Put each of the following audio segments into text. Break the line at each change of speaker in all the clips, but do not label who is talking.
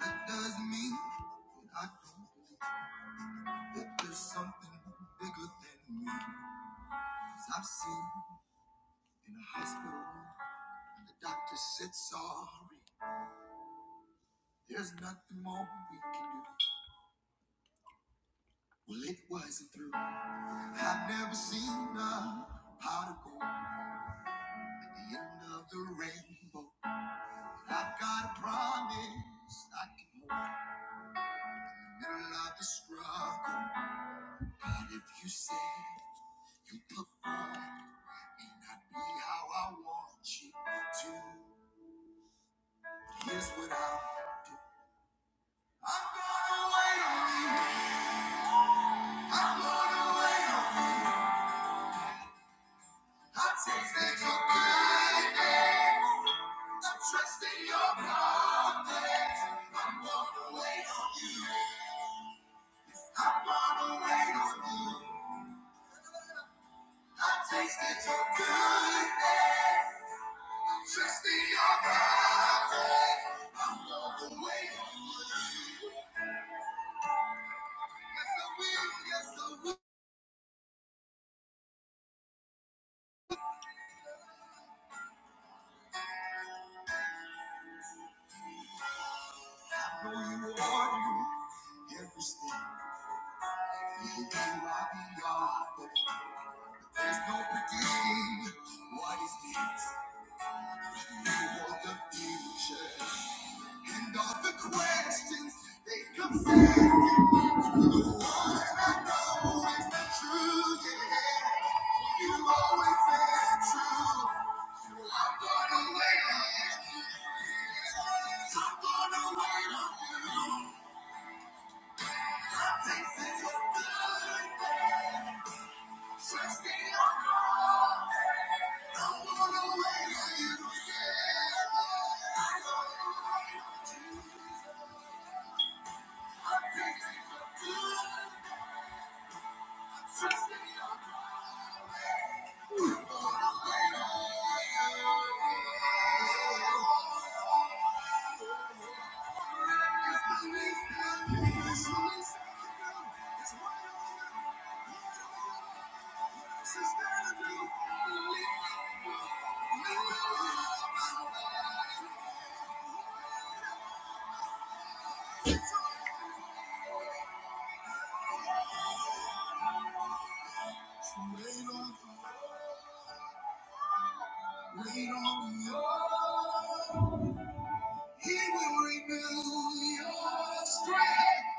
That doesn't mean that I don't that there's something bigger than me. i I've seen in a hospital and the doctor said sorry. There's nothing more we can do. Well, it wasn't through. I've never seen a pot of gold at the end of the rainbow. But I've got a promise I can hold in the middle of the struggle. God, if you said. You perform, and I be how I want you to. Here's what I'll do. I'm gonna wait on you. I'm gonna wait on you. I taste that your goodness. I trust in your promise. I'm gonna wait on you. I'm gonna wait on you. I taste that your goodness. Trust in your promise. I'm gonna wait on you. There's no predicting what is next. You hold the future and all the questions they come sailing through the water. I know it's the Yeah. You always been true. I'm gonna wait on you. I'm gonna wait on you. Wait on, wait on, wait on. He will renew your strength.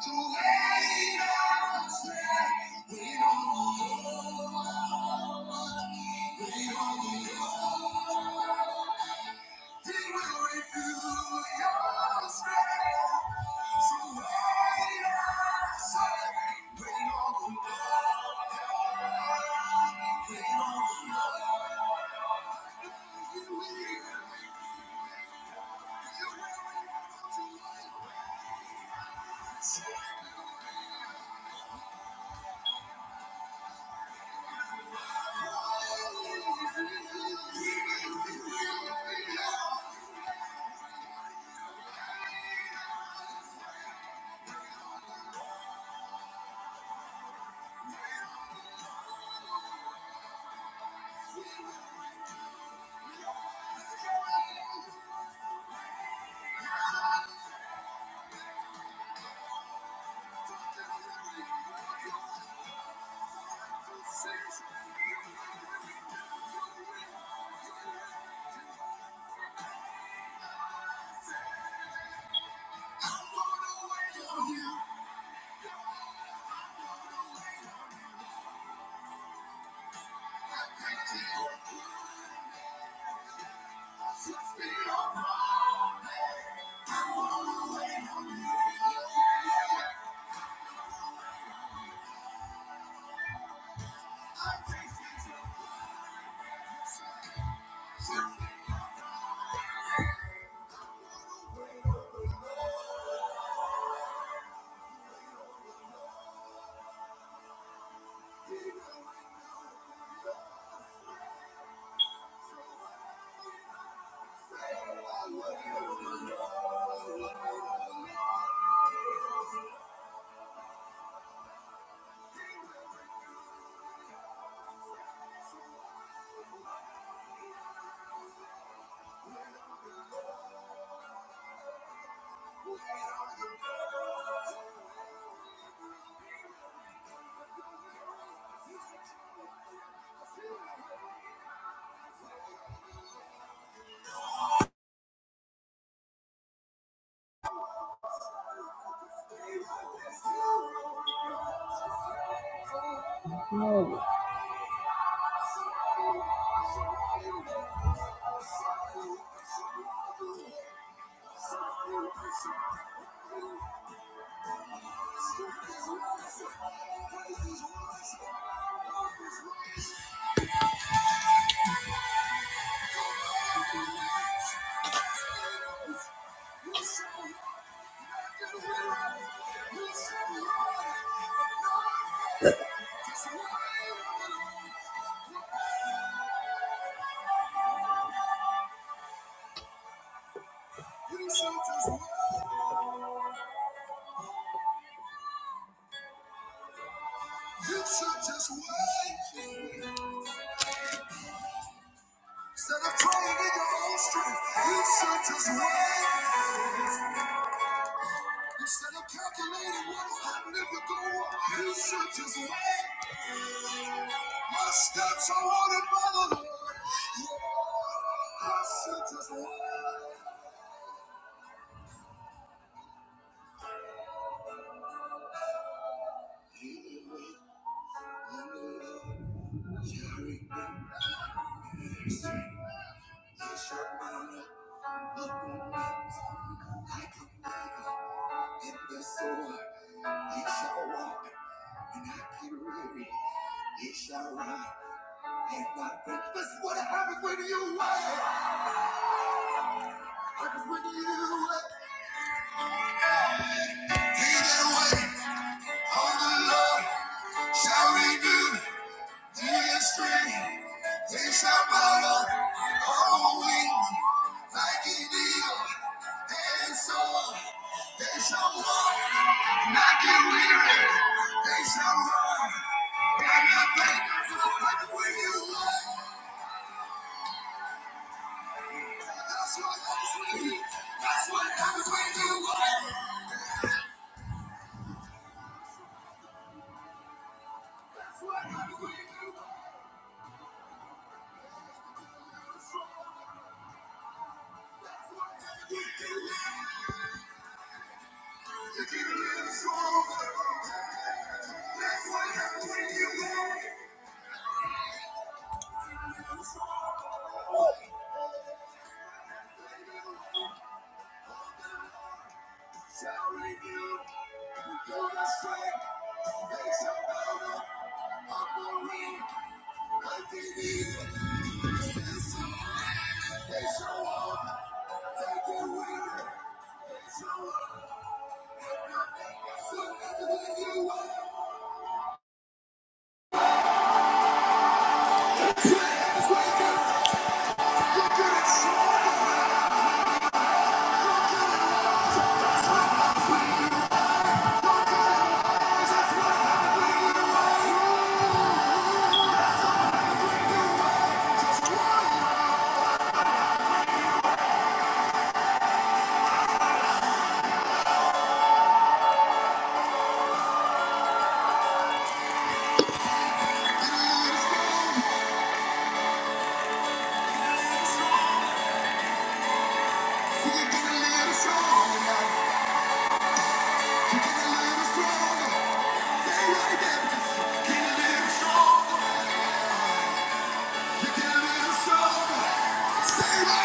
So wait on strength. Wait on the Lord. Wait on the Lord. He will renew your strength. So wait on strength. Wait on the Lord. Wait on the Lord. I'm gonna wait on you. Just be on fire. You should just wait. Instead of trying in your own strength, you should just wait. Instead of calculating what will happen if it go wrong, you should just wait. My steps are ordered by the Lord. Yeah, I should just wait. You shall mount up, up on wings like a eagle. And yes, Lord, they shall walk and not get weary. They shall run and not faint. This is what happens when you wait. Happens when you wait. He that waits on the Lord shall renew. This strength is our power, holding like it is, and so they shall walk, not get weary, they shall run, and I thank you for what when you want. That's what happens when you, that's what happens when you want. Give me strong, shall renew. Stay right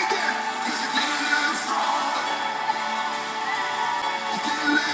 there, cause you can live strong. Wait on the Lord, wait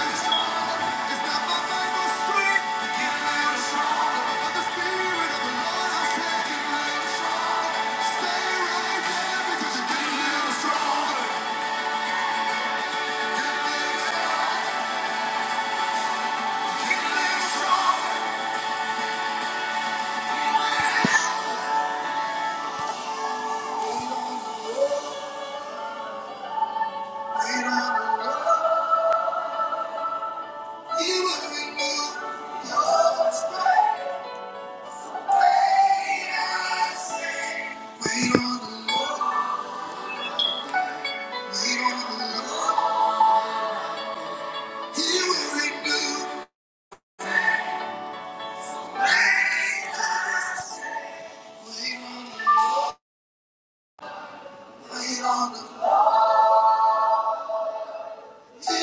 on the Lord, He will renew. Wait on the Lord. He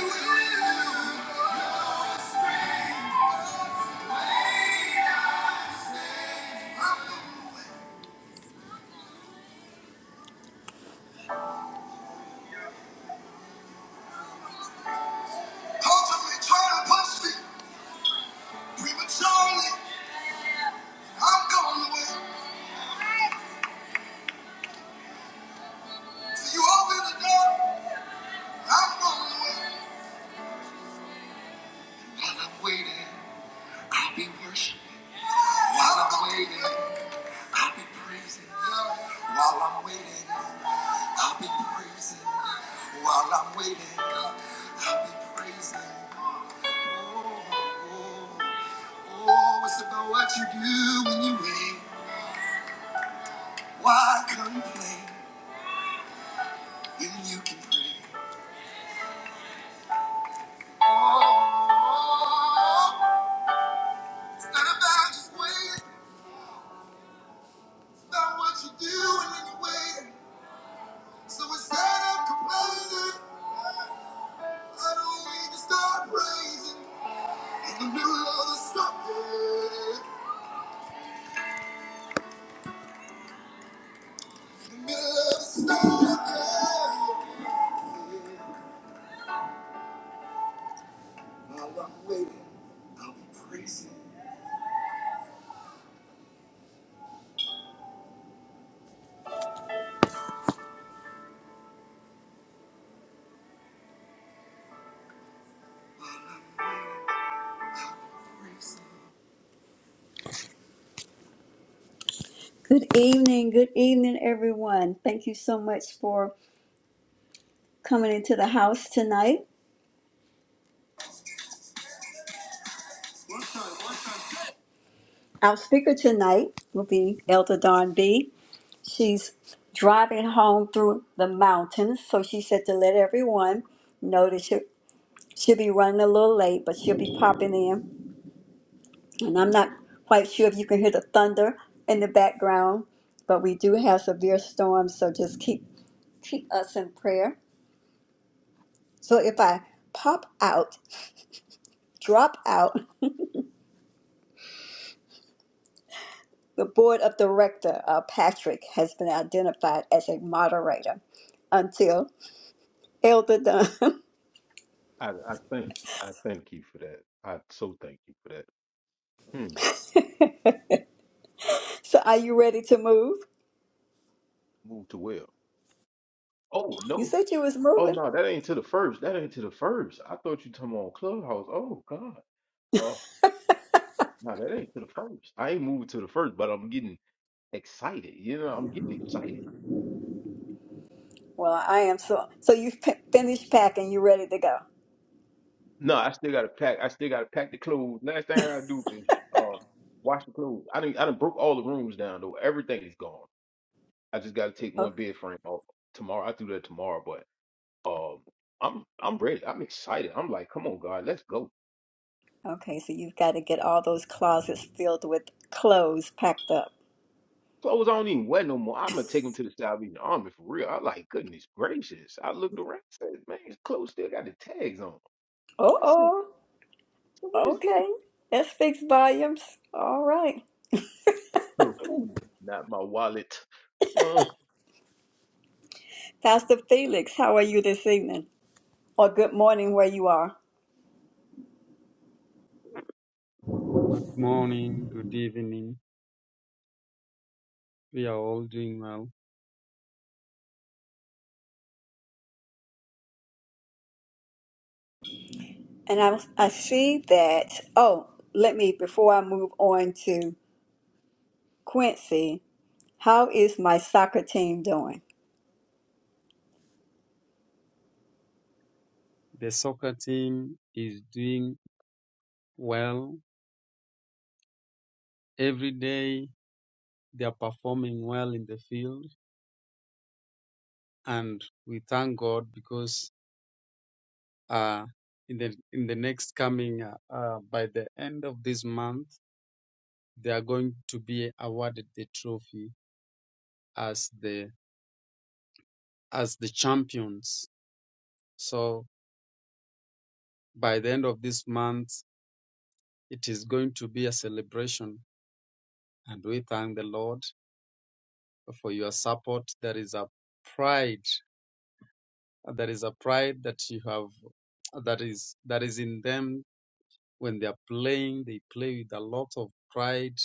will. Ultimately, I'm going I'm going away. While I'm waiting, I'll be worshiping. While I'm waiting, I'll be praising. While I'm waiting, I'll be praising. While I'm waiting, I'll be praising. Oh, oh, oh, it's about what you do when you wait. Why complain when you can pray? It's not about just waiting, it's about what you do and then you So instead of complaining, I don't need to start praising. In the middle of the storm, in the middle of the storm, while I'm waiting, I'll be praising. Good evening, good evening, everyone. Thank you so much for coming into the house tonight. Our speaker tonight will be Elder Don B. she's driving home through the mountains. So she said to let everyone know that she'll, she'll be running a little late, but she'll be popping in. And I'm not quite sure if you can hear the thunder in the background, but we do have severe storms, so just keep keep us in prayer. So if I pop out, drop out, the board of director, uh, Patrick, has been identified as a moderator until Elder Dunn.
I, I thank I thank you for that. I so thank you for that. Hmm.
so are you ready to move?
Move to well. Oh
You
no.
said you was
Oh
moving.
no, that ain't to the first. That ain't to the first. I thought you talking on Clubhouse. Oh God. Oh no, that ain't to the first. I ain't moved to the first, but I'm getting excited. You know, I'm getting excited.
Well, I am so. So you've p- finished packing. You ready to go?
No, I still gotta pack. I still gotta pack the clothes. Last thing I gotta do is um wash the clothes. I didn't I done broke all the rooms down though. Everything is gone. I just gotta take one
Okay.
bed frame off tomorrow. I do that tomorrow, but Um, I'm I'm ready. I'm excited. I'm like, come on, God, let's go.
Okay. So you've got to get all those closets filled with clothes packed up.
Clothes I don't even wear no more. I'm gonna take them to the Salvation Army for real. I like, goodness gracious. I looked around, said, man, his clothes still got the tags on. 'em.
Oh,
I said, so what
oh.
is this?
Okay. That speaks volumes. All right.
So, What is Not my wallet. Uh,
Pastor Felix, how are you this evening? Or good morning, where you are.
Good morning, good evening. We are all doing well.
And I, I see that. Oh, let me before I move on to Quincy. How is my soccer team doing?
The soccer team is doing well. Every day they are performing well in the field and we thank God because uh, in the in the next coming uh, uh, by the end of this month they are going to be awarded the trophy as the as the champions. So by the end of this month it is going to be a celebration and we thank the Lord for your support. There is a pride. There is a pride that you have that is that is in them when they are playing. They play with a lot of pride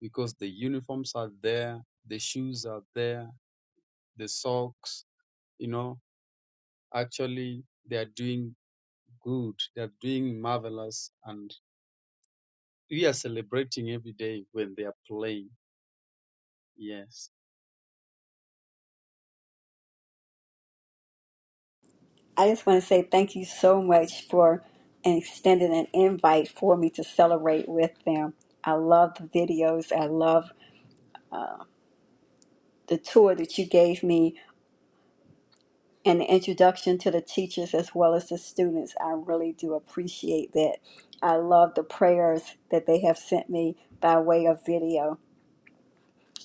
because the uniforms are there, the shoes are there, the socks. You know, actually, they are doing good. They are doing marvelous, and we are celebrating every day when they are playing. Yes,
I just want to say thank you so much for extending an invite for me to celebrate with them. I love the videos. I love the tour that you gave me and the introduction to the teachers as well as the students. I really do appreciate that. I love the prayers that they have sent me by way of video.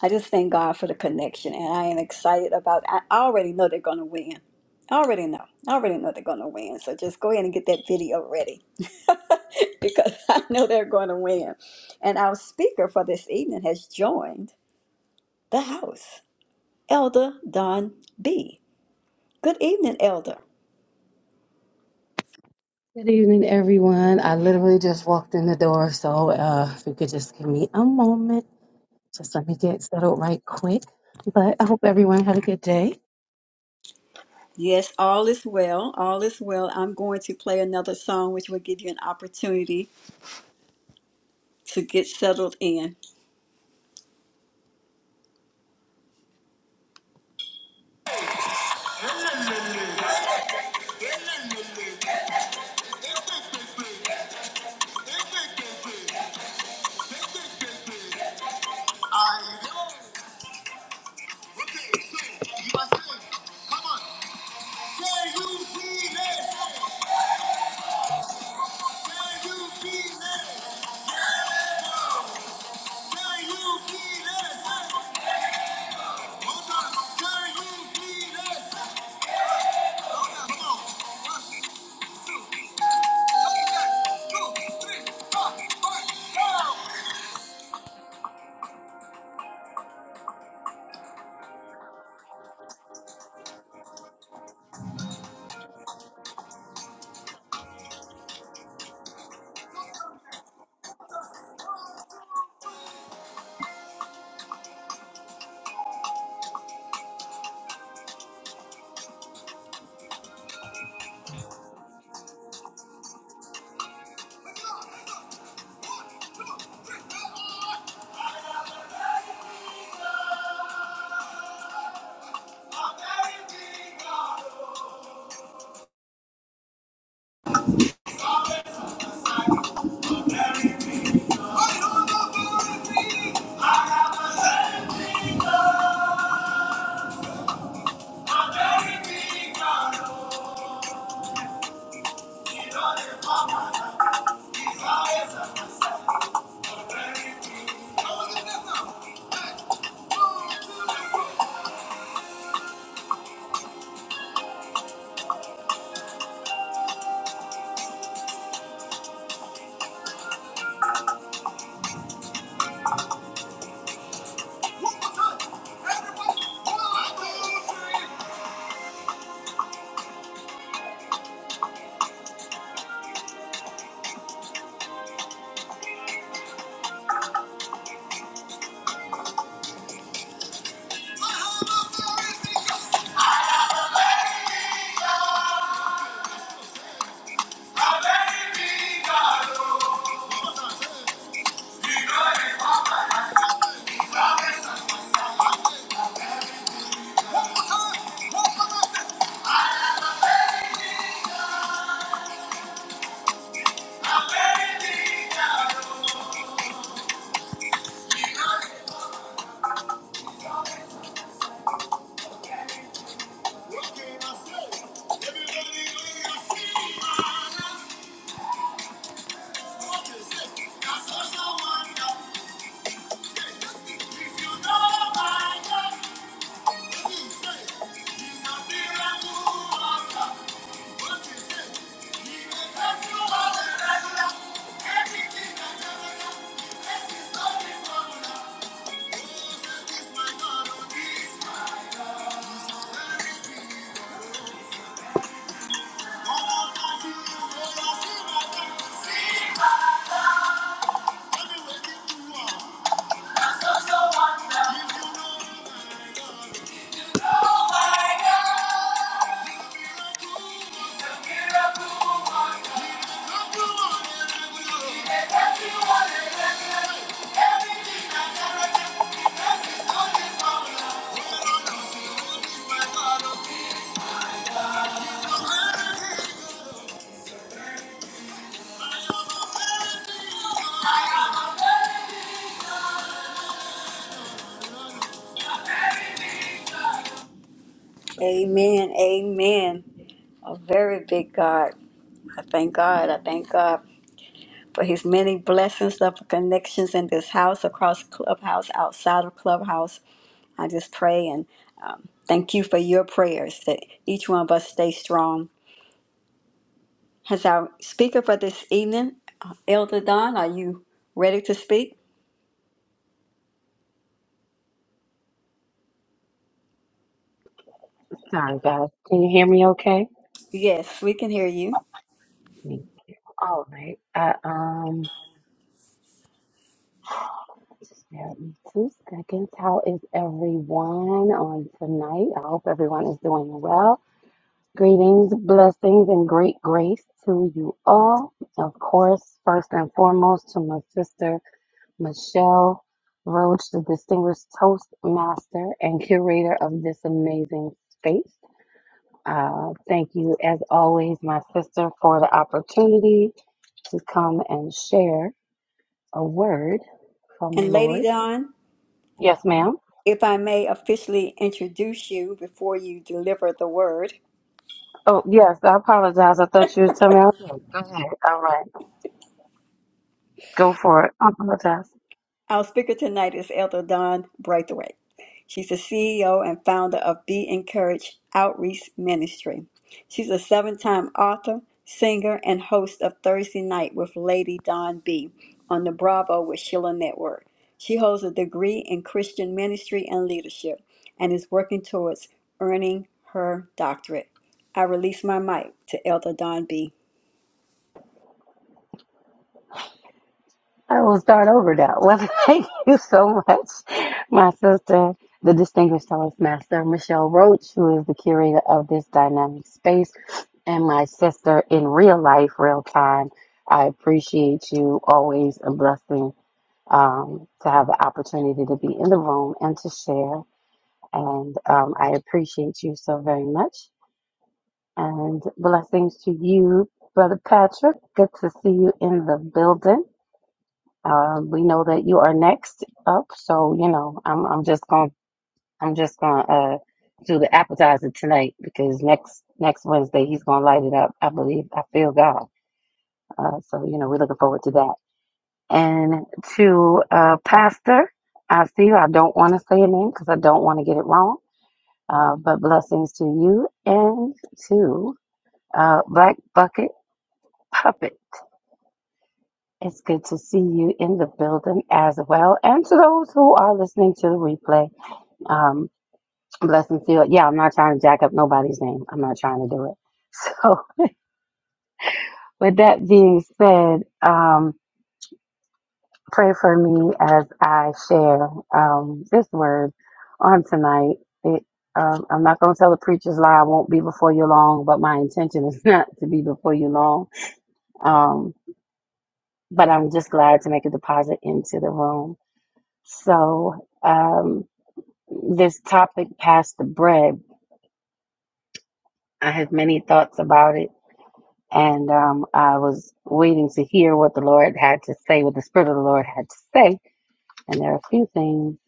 I just thank God for the connection, and I am excited about. I already know they're gonna win. I already know. I already know they're gonna win. So just go ahead and get that video ready, because I know they're gonna win. And our speaker for this evening has joined the house, Elder Don B. Good evening, Elder.
Good evening, everyone. I literally just walked in the door, so uh, if you could just give me a moment, just let me get settled right quick. But I hope everyone had a good day.
Yes, all is well. All is well. I'm going to play another song, which will give you an opportunity to get settled in. Everything that's ever done, this is not the formula. Amen. Amen. A very big God. I thank God. I thank God for his many blessings of connections in this house, across Clubhouse, outside of Clubhouse. I just pray and thank you for your prayers that each one of us stay strong. As our speaker for this evening, uh, Elder Don, are you ready to speak?
Sorry, guys. Can you hear me okay?
Yes, we can hear you.
Thank you. All right. Uh, um, just bear with me two seconds. How is everyone on tonight? I hope everyone is doing well. Greetings, blessings, and great grace to you all. Of course, first and foremost, to my sister. Michelle Roach, the distinguished Toastmaster and curator of this amazing space. Uh, thank you, as always, my sister, for the opportunity to come and share a word from the
And Lady
Lord.
Don?
Yes, ma'am.
If I may officially introduce you before you deliver the word,
Oh, yes, I apologize. I thought you were telling me I was done. Go ahead. All right. Go for it. I apologize.
our speaker tonight is Elder Don Braithwaite. She's the CEO and founder of Be Encouraged Outreach Ministry. She's a seven time author, singer, and host of Thursday Night with Lady Don B on the Bravo with Sheila Network. She holds a degree in Christian ministry and leadership and is working towards earning her doctorate. I release my mic to Elder Don B.
I will start over now. Well, thank you so much, my sister, the distinguished host master, Michelle Roach, who is the curator of this dynamic space, and my sister in real life, real time. I appreciate you. Always a blessing um, to have the opportunity to be in the room and to share. And um, I appreciate you so very much. And blessings to you, Brother Patrick. Good to see you in the building. Uh, we know that you are next up, so you know I'm I'm just gonna I'm just gonna uh do the appetizer tonight because next next Wednesday he's gonna light it up. I believe I feel God. Uh, so you know we're looking forward to that. And to uh, Pastor, I see you. I don't want to say your name because I don't want to get it wrong. Uh, but blessings to you and to uh, Black Bucket Puppet. It's good to see you in the building as well, and to those who are listening to the replay. um, blessing field. Yeah, I'm not trying to jack up nobody's name. I'm not trying to do it. So, with that being said, um, pray for me as I share um, this word on tonight. It, um, I'm not going to tell the preacher's lie. I won't be before you long, but my intention is not to be before you long. Um, but I'm just glad to make a deposit into the room. So, um, this topic, past the bread, I had many thoughts about it and um, I was waiting to hear what the Lord had to say, what the Spirit of the Lord had to say. And there are a few things,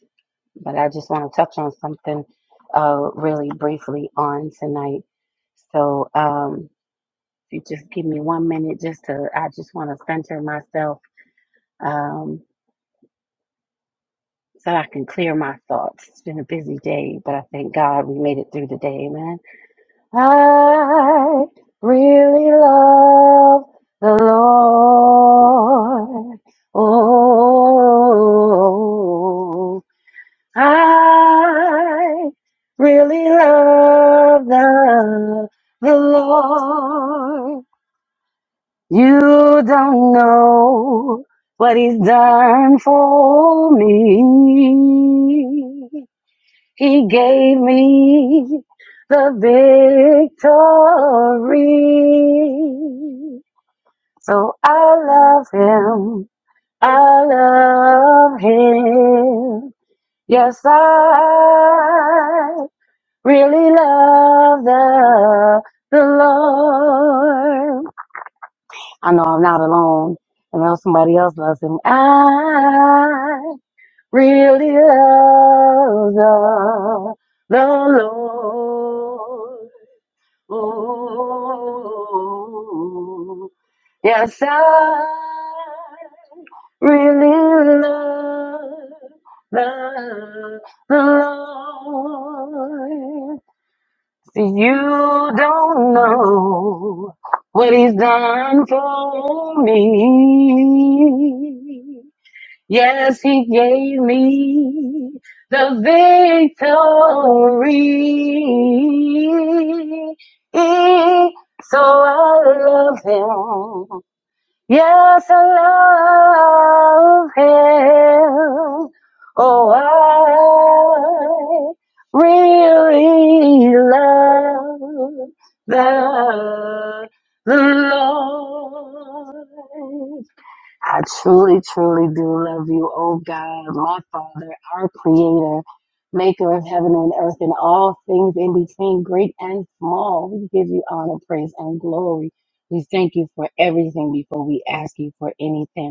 but I just want to touch on something uh, really briefly on tonight. So um, if you just give me one minute, just to, I just want to center myself um, so I can clear my thoughts. It's been a busy day, but I thank God we made it through the day. Amen. I really love the Lord. Oh, I really love the, the Lord. You don't know what He's done for me. He gave me the victory. So I love him. I love him. Yes, I really love the, the Lord. I know I'm not alone. I know somebody else loves him. I really love the, the Lord. Oh, yes, I really love the, the Lord. See, you don't know what He's done for me. Yes, he gave me the victory. So I love him. Yes, I love him. Oh, I really love the, the Lord. I truly, truly do love you, oh God, my Father, our Creator, Maker of heaven and earth and all things in between, great and small. We give you honor, praise, and glory. We thank you for everything before we ask you for anything.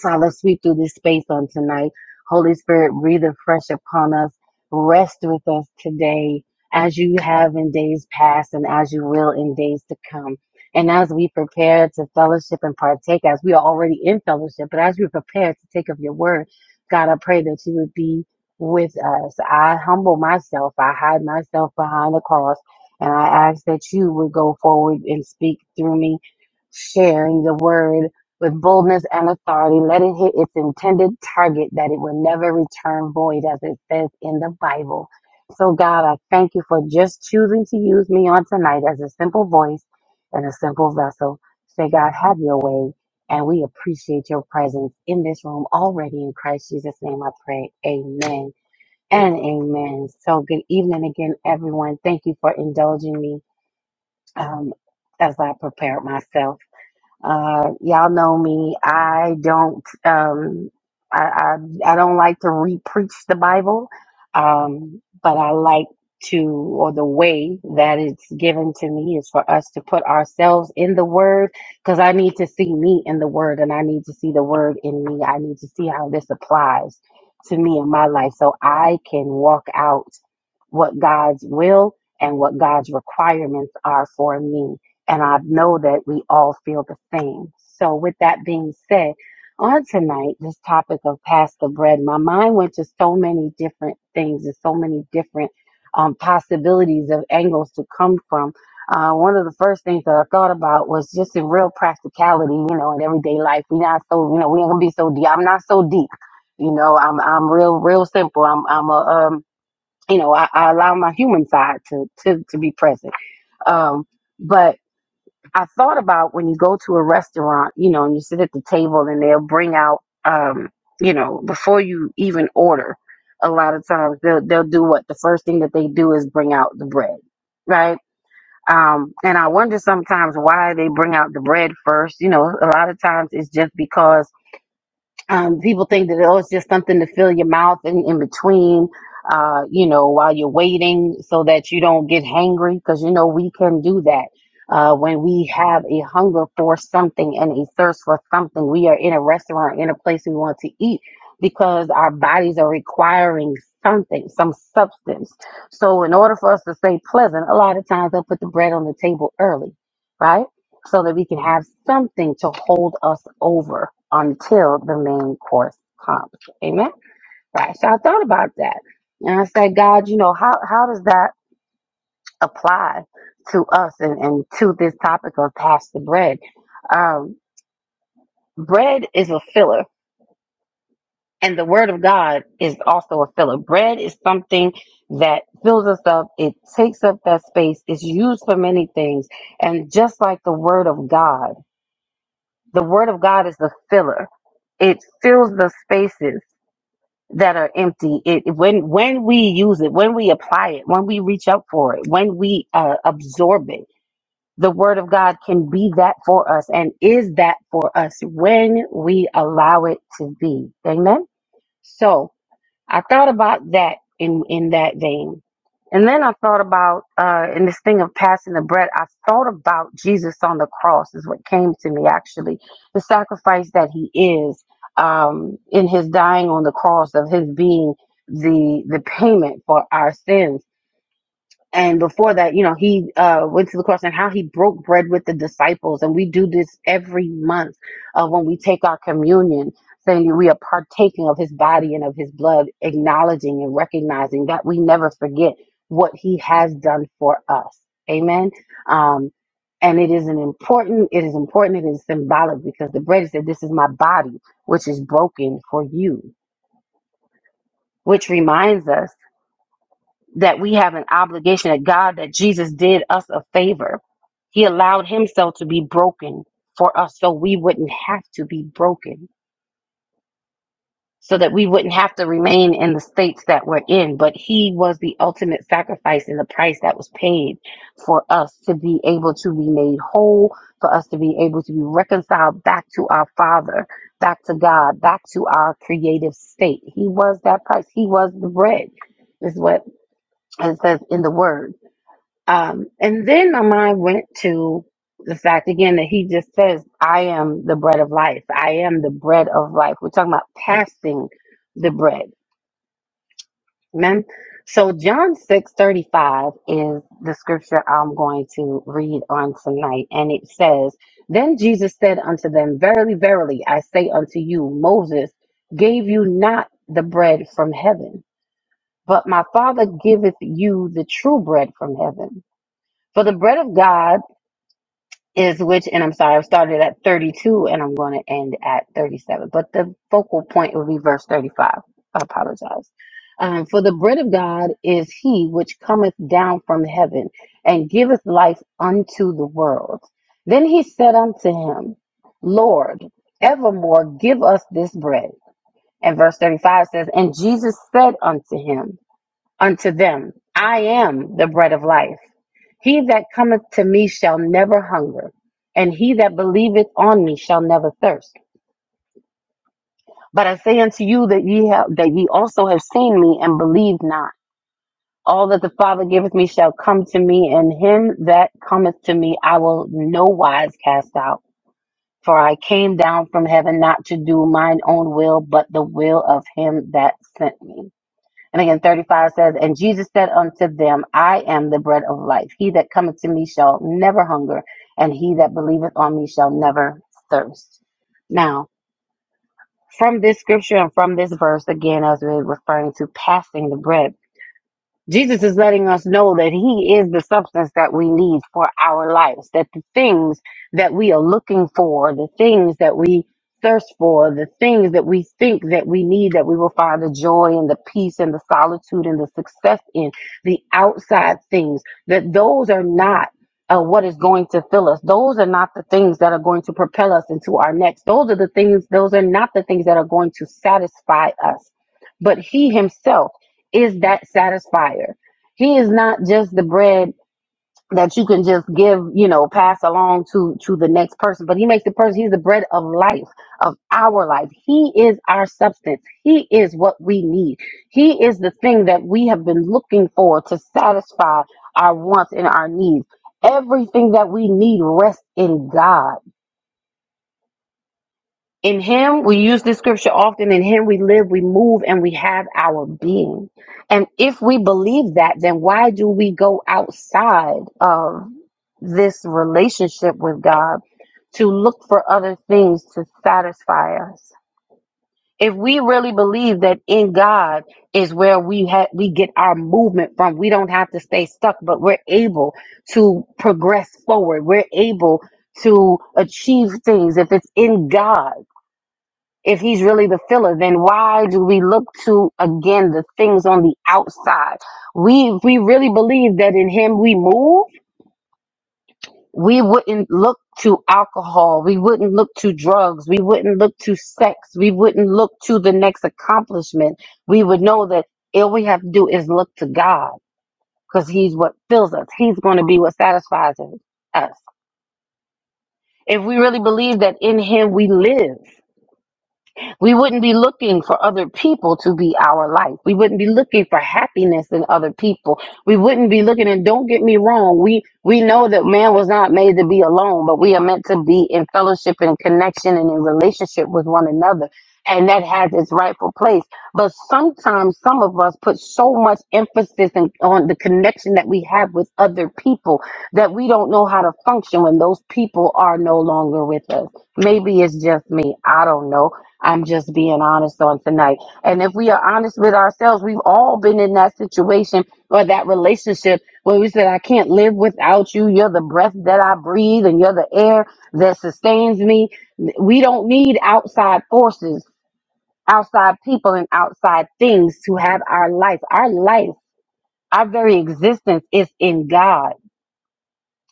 Father, sweep through this space on tonight. Holy Spirit, breathe afresh upon us. Rest with us today as you have in days past and as you will in days to come. And as we prepare to fellowship and partake, as we are already in fellowship, but as we prepare to take of your word, God, I pray that you would be with us. I humble myself. I hide myself behind the cross. And I ask that you would go forward and speak through me, sharing the word with boldness and authority. Let it hit its intended target that it will never return void, as it says in the Bible. So, God, I thank you for just choosing to use me on tonight as a simple voice and a simple vessel. Say, God, have your way. And we appreciate your presence in this room already in Christ Jesus' name. I pray. Amen and amen. So, good evening again, everyone. Thank you for indulging me um, as I prepared myself. Uh, y'all know me. I don't. Um, I, I I don't like to re-preach the Bible, um, but I like to, or the way that it's given to me is for us to put ourselves in the Word, because I need to see me in the Word, and I need to see the Word in me. I need to see how this applies to me in my life, so I can walk out what God's will and what God's requirements are for me. And I know that we all feel the same. So, with that being said, on tonight, this topic of pass the bread, my mind went to so many different things and so many different um, possibilities of angles to come from. Uh, one of the first things that I thought about was just in real practicality, you know, in everyday life. We're not so, you know, we ain't gonna be so deep. I'm not so deep, you know. I'm I'm real, real simple. I'm I'm a um you know, I, I allow my human side to, to, to be present. Um, but I thought about when you go to a restaurant, you know, and you sit at the table and they'll bring out, um, you know, before you even order, a lot of times they'll, they'll do what the first thing that they do is bring out the bread, right? Um, and I wonder sometimes why they bring out the bread first. You know, a lot of times it's just because um, people think that oh, it's just something to fill your mouth in, in between, uh, you know, while you're waiting so that you don't get hangry. Because, you know, we can do that. Uh, when we have a hunger for something and a thirst for something, we are in a restaurant, in a place we want to eat because our bodies are requiring something, some substance. So, in order for us to stay pleasant, a lot of times they'll put the bread on the table early, right? so that we can have something to hold us over until the main course comes. Amen. Right. So I thought about that. And I said, God, you know, how, how does that apply to us and, and to this topic of pass the bread? Um, bread is a filler, and the word of God is also a filler. Bread is something that fills us up, it takes up that space, it's used for many things. And just like the word of God, the word of God is the filler. It fills the spaces that are empty. It when when we use it, when we apply it, when we reach out for it, when we uh, absorb it, the word of God can be that for us and is that for us when we allow it to be. Amen. So, I thought about that in in that vein, and then I thought about uh, in this thing of passing the bread. I thought about Jesus on the cross is what came to me actually, the sacrifice that He is um, in His dying on the cross of His being the the payment for our sins and before that you know he uh went to the cross and how he broke bread with the disciples and we do this every month uh, when we take our communion saying we are partaking of his body and of his blood acknowledging and recognizing that we never forget what he has done for us amen um and it is an important it is important it is symbolic because the bread said this is my body which is broken for you which reminds us that we have an obligation that God, that Jesus did us a favor. He allowed himself to be broken for us so we wouldn't have to be broken, so that we wouldn't have to remain in the states that we're in. But he was the ultimate sacrifice and the price that was paid for us to be able to be made whole, for us to be able to be reconciled back to our Father, back to God, back to our creative state. He was that price. He was the bread, is what it says in the word. Um, and then my mind went to the fact again that he just says, I am the bread of life. I am the bread of life. We're talking about passing the bread. Amen. So John six thirty five is the scripture I'm going to read on tonight. And it says, Then Jesus said unto them, Verily, verily, I say unto you, Moses gave you not the bread from heaven, but my Father giveth you the true bread from heaven. For the bread of God is which, and I'm sorry, I started at 32 and I'm going to end at 37, but the focal point will be verse 35. I apologize. Um, for the bread of God is he which cometh down from heaven and giveth life unto the world. Then he said unto him, Lord, evermore give us this bread. And verse 35 says, And Jesus said unto him, unto them, I am the bread of life. He that cometh to me shall never hunger, and he that believeth on me shall never thirst. But I say unto you that ye have that ye also have seen me and believe not. All that the Father giveth me shall come to me, and him that cometh to me I will no wise cast out. For I came down from heaven not to do mine own will, but the will of him that sent me. And again, 35 says, And Jesus said unto them, I am the bread of life. He that cometh to me shall never hunger, and he that believeth on me shall never thirst. Now, from this scripture and from this verse, again, as we're referring to passing the bread, Jesus is letting us know that He is the substance that we need for our lives, that the things that we are looking for, the things that we thirst for, the things that we think that we need, that we will find the joy and the peace and the solitude and the success in, the outside things, that those are not. Uh, what is going to fill us? Those are not the things that are going to propel us into our next. Those are the things, those are not the things that are going to satisfy us. But He Himself, is that satisfier. He is not just the bread that you can just give, you know, pass along to to the next person, but he makes the person he's the bread of life, of our life. He is our substance. He is what we need. He is the thing that we have been looking for to satisfy our wants and our needs. Everything that we need rests in God. In him, we use this scripture often. In him, we live, we move, and we have our being. And if we believe that, then why do we go outside of this relationship with God to look for other things to satisfy us? If we really believe that in God is where we ha- we get our movement from, we don't have to stay stuck, but we're able to progress forward. We're able to achieve things if it's in God if he's really the filler, then why do we look to again the things on the outside? We if we really believe that in him we move, we wouldn't look to alcohol, we wouldn't look to drugs, we wouldn't look to sex, we wouldn't look to the next accomplishment. We would know that all we have to do is look to God because he's what fills us. He's going to be what satisfies us. If we really believe that in him we live, We wouldn't be looking for other people to be our life. We wouldn't be looking for happiness in other people. We wouldn't be looking and don't get me wrong, we we know that man was not made to be alone, but we are meant to be in fellowship and connection and in relationship with one another. And that has its rightful place. But sometimes some of us put so much emphasis in, on the connection that we have with other people that we don't know how to function when those people are no longer with us. Maybe it's just me. I don't know I'm just being honest on tonight. And if we are honest with ourselves, we've all been in that situation or that relationship where we said, I can't live without you. You're the breath that I breathe and you're the air that sustains me. We don't need outside forces, outside people, and outside things to have our life. Our life, our very existence is in God.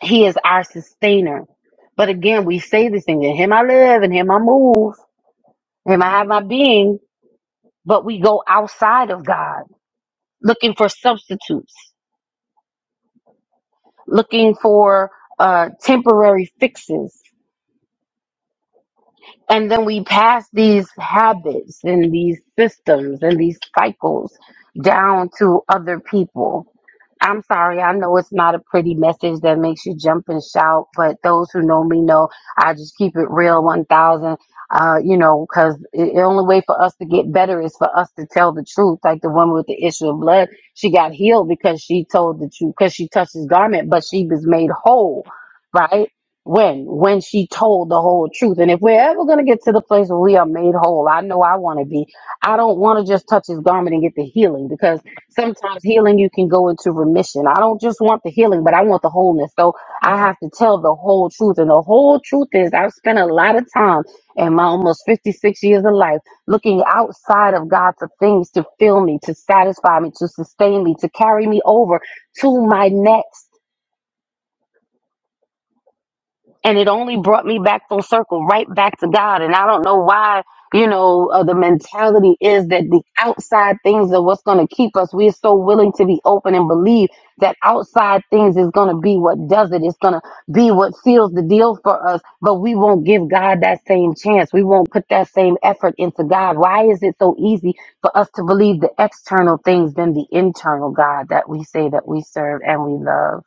He is our sustainer. But again, we say this thing in Him I live, in Him I move, in Him I have my being but we go outside of God looking for substitutes, looking for uh, temporary fixes, And then we pass these habits and these systems and these cycles down to other people. I'm sorry, I know it's not a pretty message that makes you jump and shout, but those who know me know I just keep it real 1000. Uh, you know, because the only way for us to get better is for us to tell the truth. Like the woman with the issue of blood, she got healed because she told the truth, because she touched his garment, but she was made whole, right? when when she told the whole truth and if we're ever going to get to the place where we are made whole i know i want to be i don't want to just touch his garment and get the healing because sometimes healing you can go into remission i don't just want the healing but i want the wholeness so i have to tell the whole truth and the whole truth is i've spent a lot of time in my almost 56 years of life looking outside of god for things to fill me to satisfy me to sustain me to carry me over to my next and it only brought me back full circle right back to god and i don't know why you know uh, the mentality is that the outside things are what's going to keep us we're so willing to be open and believe that outside things is going to be what does it it's going to be what seals the deal for us but we won't give god that same chance we won't put that same effort into god why is it so easy for us to believe the external things than the internal god that we say that we serve and we love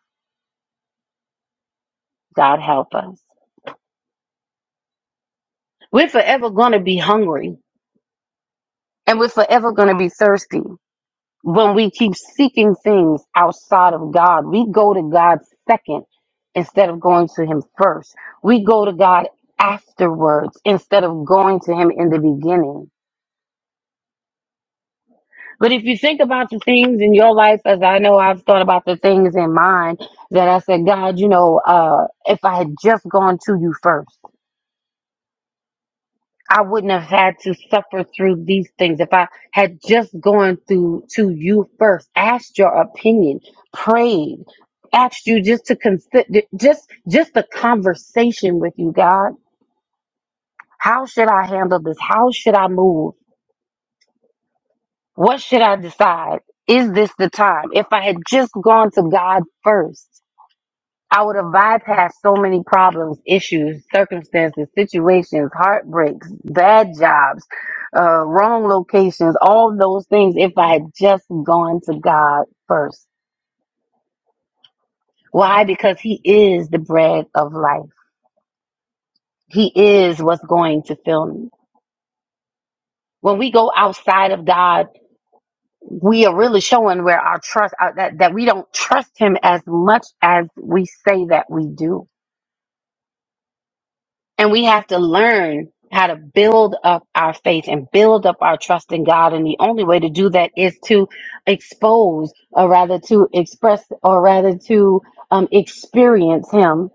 god help us We're forever going to be hungry and we're forever going to be thirsty when we keep seeking things outside of God. We go to God second instead of going to Him first. We go to God afterwards instead of going to Him in the beginning. But if you think about the things in your life, as I know I've thought about the things in mine, that I said, God, you know, uh, if I had just gone to you first. I wouldn't have had to suffer through these things if I had just gone through to you first, asked your opinion, prayed, asked you just to consider just just the conversation with you, God. How should I handle this? How should I move? What should I decide? Is this the time? If I had just gone to God first, I would have bypassed so many problems, issues, circumstances, situations, heartbreaks, bad jobs, uh, wrong locations, all those things if I had just gone to God first. Why? Because He is the bread of life. He is what's going to fill me. When we go outside of God, we are really showing where our trust, uh, that, that we don't trust Him as much as we say that we do And we have to learn how to build up our faith and build up our trust in God. And the only way to do that is to expose, or rather to express, or rather to um, experience Him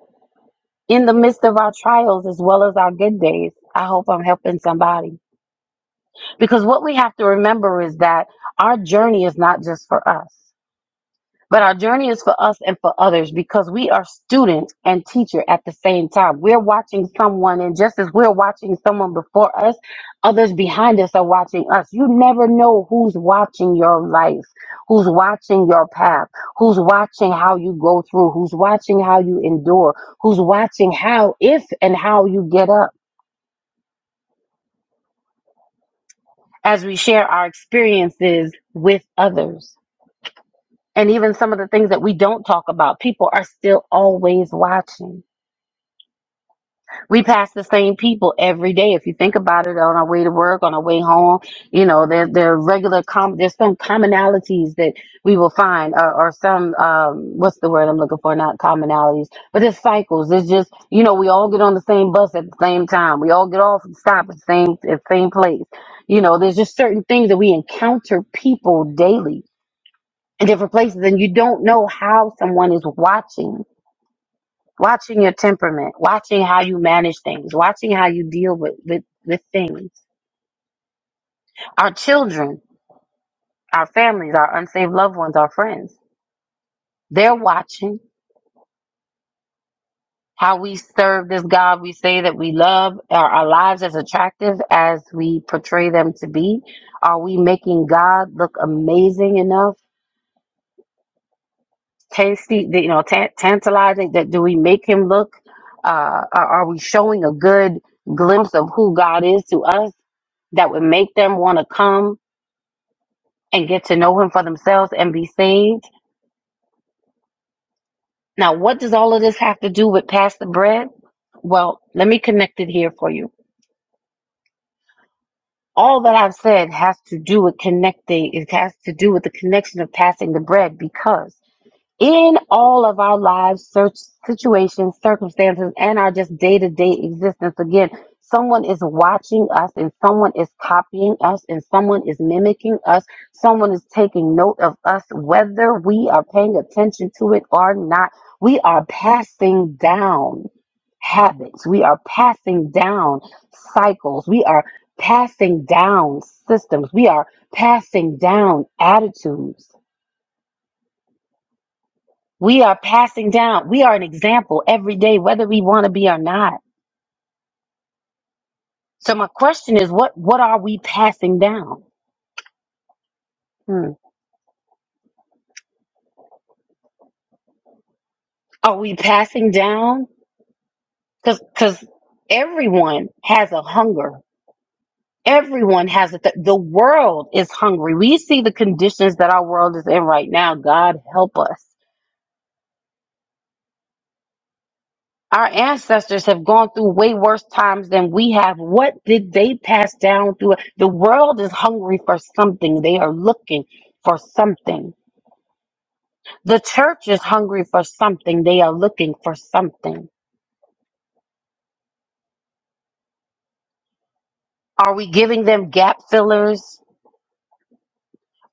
in the midst of our trials as well as our good days. I hope I'm helping somebody. Because what we have to remember is that our journey is not just for us. But our journey is for us and for others because we are student and teacher at the same time. We're watching someone, and just as we're watching someone before us, others behind us are watching us. You never know who's watching your life, who's watching your path, who's watching how you go through, who's watching how you endure, who's watching how, if, and how you get up as we share our experiences with others. And even some of the things that we don't talk about, people are still always watching. we pass the same people every day. If you think about it, on our way to work, on our way home, you know, there there are regular com there's some commonalities that we will find, or, or some um, what's the word I'm looking for? Not commonalities, but there's cycles. It's just you know, we all get on the same bus at the same time. We all get off and stop at the same at the same place. You know, there's just certain things that we encounter people daily in different places, and you don't know how someone is watching watching your temperament, watching how you manage things, watching how you deal with, with, with things. Our children, our families, our unsaved loved ones, our friends, they're watching how we serve this God we say that we love. Are our lives as attractive as we portray them to be? Are we making God look amazing enough? Tasty, you know, tan- tantalizing. That do we make him look? Uh, are are we showing a good glimpse of who God is to us that would make them want to come and get to know him for themselves and be saved. Now, what does all of this have to do with pass the bread? Well, let me connect it here for you. All that I've said has to do with connecting, it has to do with the connection of passing the bread because in all of our lives, search situations, circumstances, and our just day to day existence. Again, someone is watching us and someone is copying us and someone is mimicking us. Someone is taking note of us, whether we are paying attention to it or not. We are passing down habits. We are passing down cycles. We are passing down systems. We are passing down attitudes we are passing down, we are an example every day, whether we want to be or not. So my question is, what what are we passing down? Hmm. Are we passing down? Because because everyone has a hunger. Everyone has a th- the world is hungry. We see the conditions that our world is in right now. God help us. Our ancestors have gone through way worse times than we have. What did they pass down through? The world is hungry for something. They are looking for something The church is hungry for something. They are looking for something. Are we giving them gap fillers?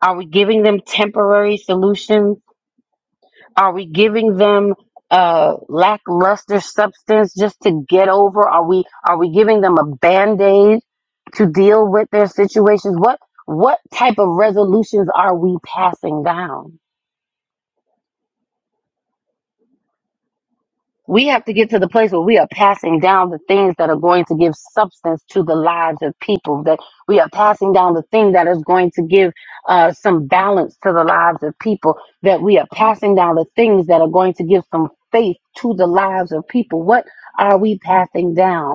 Are we giving them temporary solutions? Are we giving them uh, lackluster substance just to get over? Are we are we giving them a band aid to deal with their situations? What what type of resolutions are we passing down? We have to get to the place where we are passing down the things that are going to give substance to the lives of people, that we are passing down the thing that is going to give uh, some balance to the lives of people, that we are passing down the things that are going to give some faith to the lives of people. What are we passing down?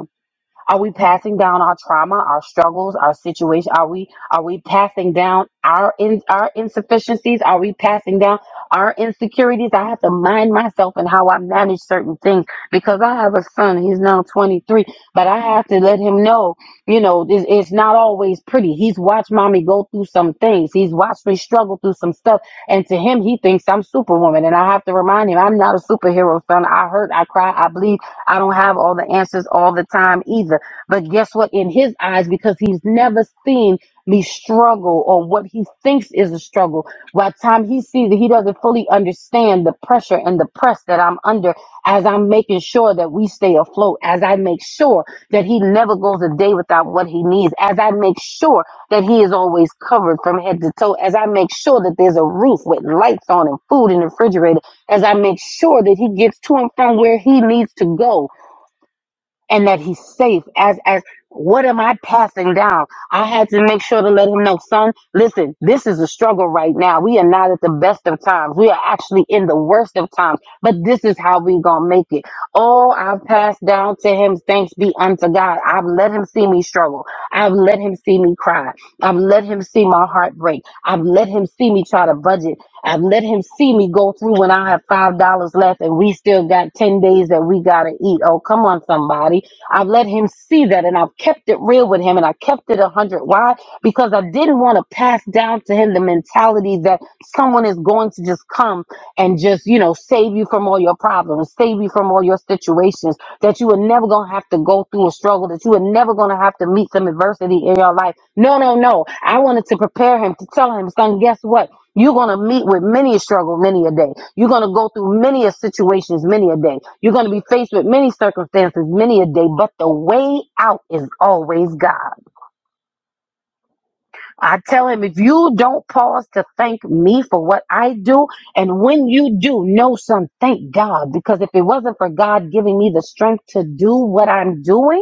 Are we passing down our trauma, our struggles, our situation? Are we are we passing down our in our insufficiencies? Are we passing down our insecurities? I have to mind myself and how I manage certain things because I have a son. He's now 23, but I have to let him know, you know, this it's not always pretty. He's watched mommy go through some things. He's watched me struggle through some stuff, and to him, he thinks I'm superwoman. And I have to remind him, I'm not a superhero, son. I hurt, I cry, I bleed. I don't have all the answers all the time either but guess what? In his eyes, because he's never seen me struggle or what he thinks is a struggle, by the time he sees it, he doesn't fully understand the pressure and the press that I'm under as I'm making sure that we stay afloat, as I make sure that he never goes a day without what he needs, as I make sure that he is always covered from head to toe, as I make sure that there's a roof with lights on and food in the refrigerator, as I make sure that he gets to and from where he needs to go and that he's safe as as what am i passing down i had to make sure to let him know son listen this is a struggle right now we are not at the best of times we are actually in the worst of times but this is how we gonna make it oh i've passed down to him thanks be unto god i've let him see me struggle i've let him see me cry i've let him see my heart break i've let him see me try to budget I've let him see me go through when I have five dollars left and we still got ten days that we gotta eat. Oh, come on, somebody. I've let him see that and I've kept it real with him and I kept it a hundred. Why? Because I didn't want to pass down to him the mentality that someone is going to just come and just, you know, save you from all your problems, save you from all your situations, that you are never gonna have to go through a struggle, that you are never gonna have to meet some adversity in your life. No, no, no. I wanted to prepare him to tell him, son, guess what? You're going to meet with many a struggle, many a day. You're going to go through many a situations, many a day. You're going to be faced with many circumstances, many a day, but the way out is always God. I tell him, if you don't pause to thank me for what I do, and when you do, know son, thank God, because if it wasn't for God giving me the strength to do what I'm doing,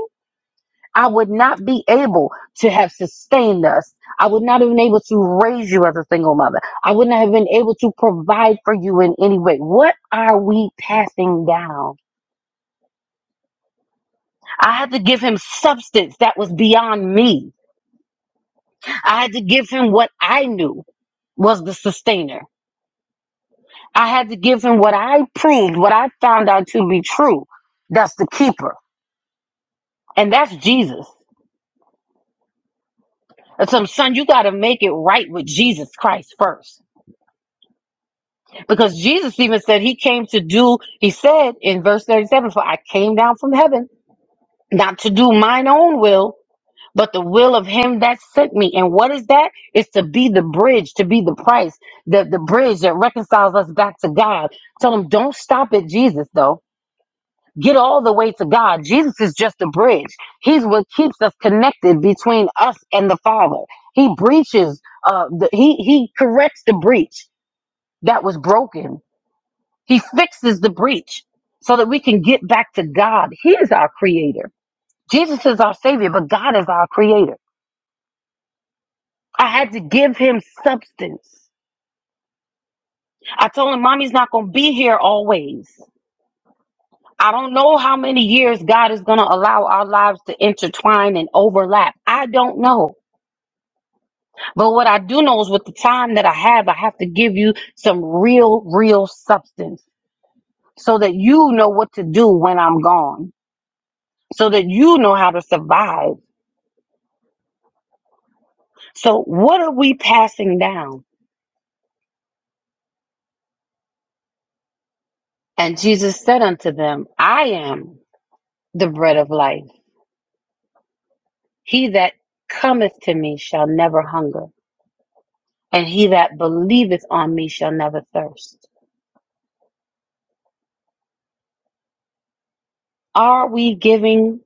I would not be able to have sustained us. I would not have been able to raise you as a single mother. I would not have been able to provide for you in any way. What are we passing down? I had to give him substance that was beyond me. I had to give him what I knew was the sustainer. I had to give him what I proved, what I found out to be true. That's the keeper. And that's Jesus. And so, son, you got to make it right with Jesus Christ first. Because Jesus even said he came to do, he said in verse 37, For I came down from heaven, not to do mine own will, but the will of him that sent me. And what is that? It's to be the bridge, to be the price, the, the bridge that reconciles us back to God. Tell him, don't stop at Jesus, though. Get all the way to God. Jesus is just a bridge. He's what keeps us connected between us and the Father. He breaches, uh, the, he, he corrects the breach that was broken he fixes the breach so that we can get back to God. He is our creator. Jesus is our savior, but God is our creator. I had to give him substance. I told him, Mommy's not going to be here always. I don't know how many years God is going to allow our lives to intertwine and overlap. I don't know. But what I do know is with the time that I have, I have to give you some real, real substance so that you know what to do when I'm gone, so that you know how to survive So, what are we passing down? And Jesus said unto them, I am the bread of life. He that cometh to me shall never hunger, and he that believeth on me shall never thirst. Are we giving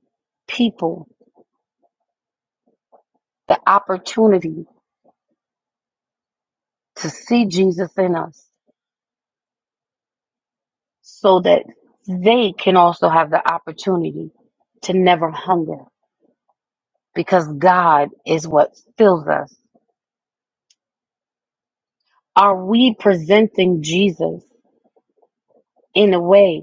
people the opportunity to see Jesus in us so that they can also have the opportunity to never hunger? Because God is what fills us. Are we presenting Jesus in a way?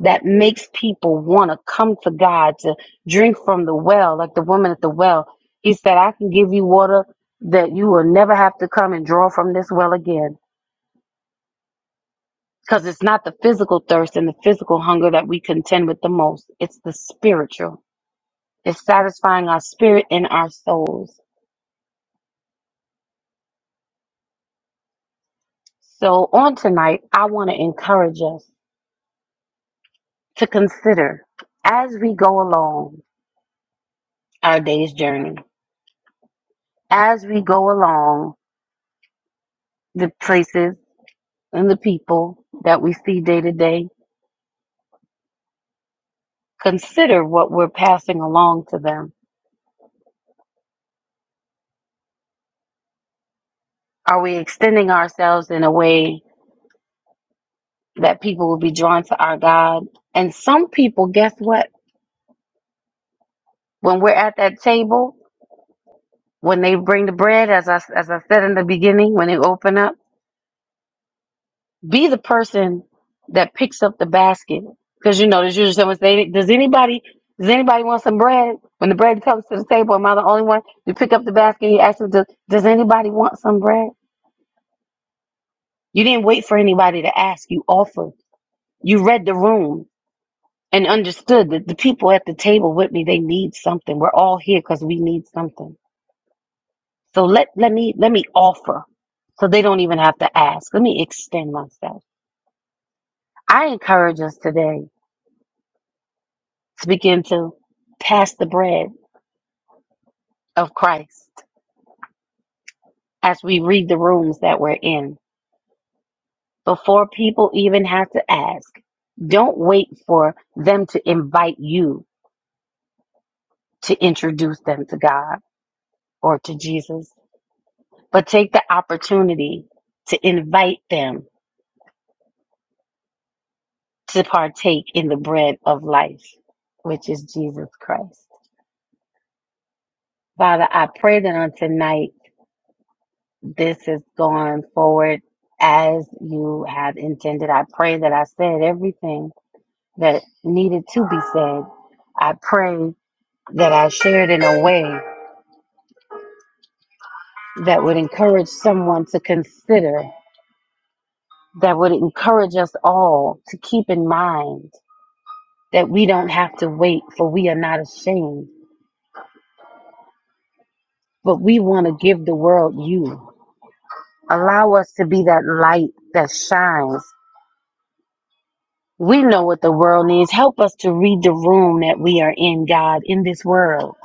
that makes people want to come to God to drink from the well, like the woman at the well. He said, I can give you water that you will never have to come and draw from this well again. Because it's not the physical thirst and the physical hunger that we contend with the most, it's the spiritual. It's satisfying our spirit and our souls. So, on tonight, I want to encourage us to consider as we go along our day's journey, as we go along the places and the people that we see day to day consider what we're passing along to them. Are we extending ourselves in a way that people will be drawn to our God? And some people, guess what? When we're at that table, when they bring the bread, as I, as I said in the beginning, when they open up, be the person that picks up the basket. Because you know, there's usually someone say, "Does anybody, does anybody want some bread?" When the bread comes to the table, am I the only one? You pick up the basket. You ask them, "Does, does anybody want some bread?" You didn't wait for anybody to ask. You offered. You read the room and understood that the people at the table with me, they need something. We're all here because we need something. So let, let me let me offer. So they don't even have to ask. Let me extend myself. I encourage us today to begin to pass the bread of Christ as we read the rooms that we're in. Before people even have to ask, don't wait for them to invite you to introduce them to God or to Jesus, but take the opportunity to invite them to partake in the bread of life, which is Jesus Christ. Father, I pray that on tonight, this has gone forward as you have intended. I pray that I said everything that needed to be said. I pray that I shared in a way that would encourage someone to consider, that would encourage us all to keep in mind that we don't have to wait, for we are not ashamed, but we want to give the world you. Allow us to be that light that shines. We know what the world needs. Help us to read the room that we are in, God, in this world.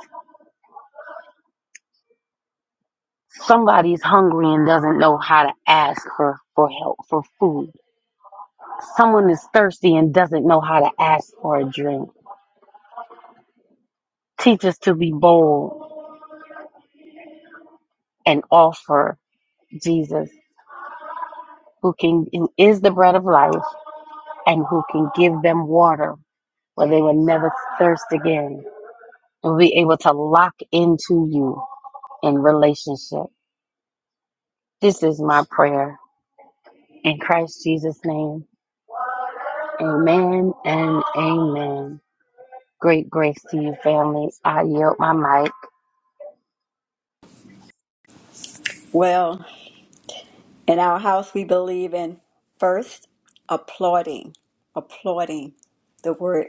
Somebody's hungry and doesn't know how to ask for, for help, for food. Someone is thirsty and doesn't know how to ask for a drink. Teach us to be bold and offer Jesus, who can who is the bread of life and who can give them water where they will never thirst again and will be able to lock into you in relationship. This is my prayer in Christ Jesus' name. Amen and amen. Great grace to you, family. I yield my mic.
Well, In our house, we believe in first applauding, applauding the word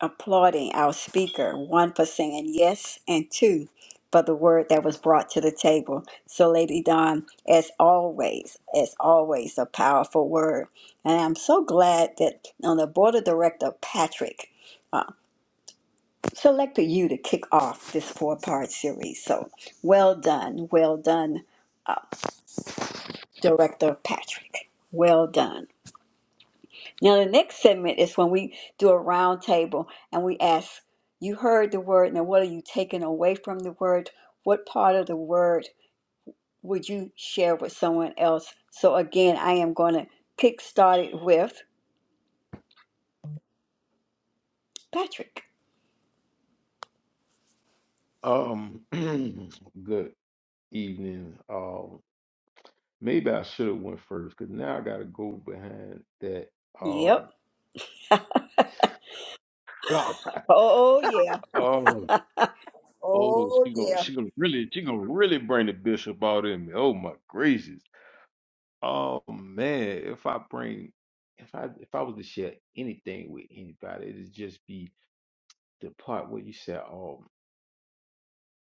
applauding our speaker, one for saying yes, and two for the word that was brought to the table. So, Lady Dawn, as always, as always, a powerful word. And I'm so glad that on the board of director, Patrick. Uh, selected you to kick off this four part series. So well done, well done, Director Patrick. Well done. Now, the next segment is when we do a round table and we ask, You heard the word, now what are you taking away from the word? What part of the word would you share with someone else? So, again, I am going to kickstart it with Patrick.
Um, good evening. Um, maybe I should have went first because now I gotta go behind that.
Yep.
Um,
Oh, oh, yeah.
God. Oh,
Oh,
she gonna
yeah.
she gonna really she gonna really bring the bishop out in me. Oh my gracious. Oh man, if I bring if I if I was to share anything with anybody, it'd just be the part where you said, "Oh,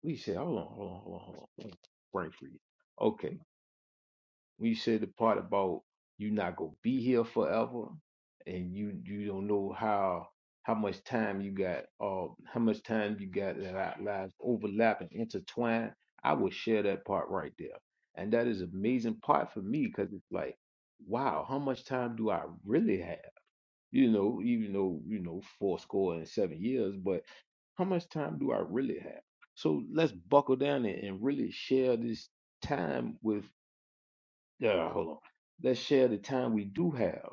we said, hold on, hold on, hold on, hold on, hold on. brain freeze." Okay, when you said the part about you not gonna be here forever and you you don't know how how much time you got uh how much time you got that our lives overlap and intertwine i would share that part right there and that is an amazing part for me because it's like wow how much time do i really have you know even though you know four score and seven years but how much time do i really have so let's buckle down and and really share this time with uh, hold on. Let's share the time we do have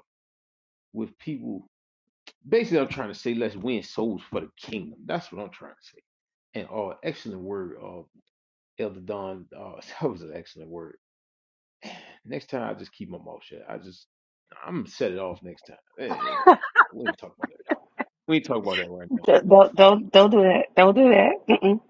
with people. Basically, I'm trying to say let's win souls for the kingdom. That's what I'm trying to say. And oh, excellent word, uh, Elder Don. Uh, that was an excellent word. Next time, I just keep my mouth shut. I just, I'm gonna set it off next time. Eh, eh, we ain't talk about that. We ain't talk about that right now.
Don't don't don't do that. Mm-mm.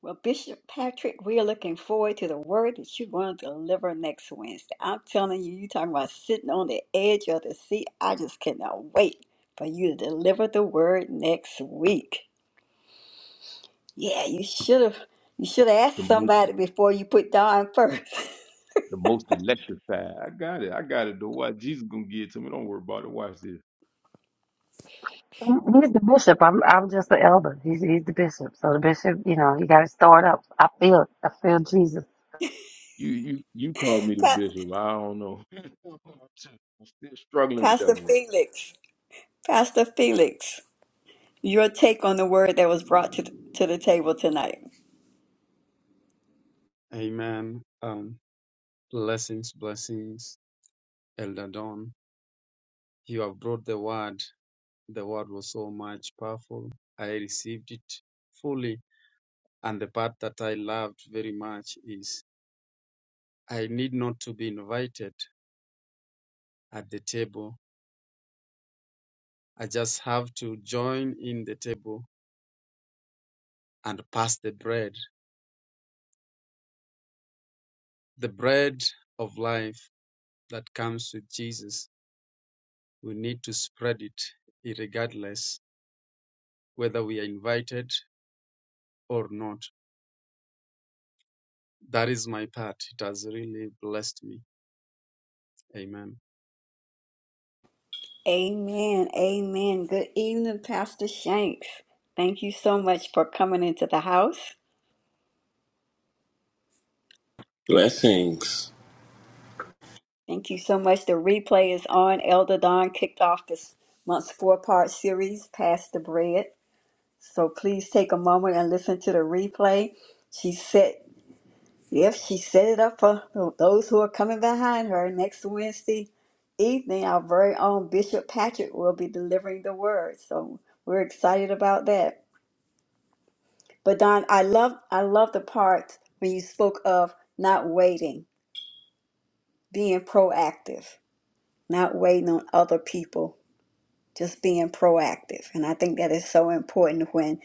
Well, Bishop Patrick, we are looking forward to the word that you're going to deliver next Wednesday. I'm telling you, you're talking about sitting on the edge of the seat. I just cannot wait for you to deliver the word next week. Yeah, you should have you should have
The
asked
most,
somebody before you put Don first.
the most electrified. I got it. I got it. Though, why Jesus gonna give it to me? Don't worry about it. Watch this.
He's the bishop. I'm I'm just the elder. He's he's the bishop. So the bishop, you know, you got to start up. I feel it. I feel Jesus.
You, you, you called me the
Pa-
bishop. I don't know. I'm still struggling with that
Pastor
one.
Felix, Pastor Felix, your take on the word that was brought to the, to the table tonight.
Amen. Um, blessings, blessings, Elder Don. You have brought the word. The word was so much powerful. I received it fully. And the part that I loved very much is I need not to be invited at the table. I just have to join in the table and pass the bread. The bread of life that comes with Jesus, we need to spread it regardless whether we are invited or not. That is my part. It has really blessed me. Amen.
Amen. Amen. Good evening, Pastor Shanks. Thank you so much for coming into the house.
Blessings.
Thank you so much. The replay is on. Elder Don kicked off this month's four part series, Pass the Bread. So please take a moment and listen to the replay. She set, if she set it up for those who are coming behind her next Wednesday evening, our very own Bishop Patrick will be delivering the word. So we're excited about that. But Don, I love I love the part when you spoke of not waiting, being proactive, not waiting on other people, just being proactive. And I think that is so important when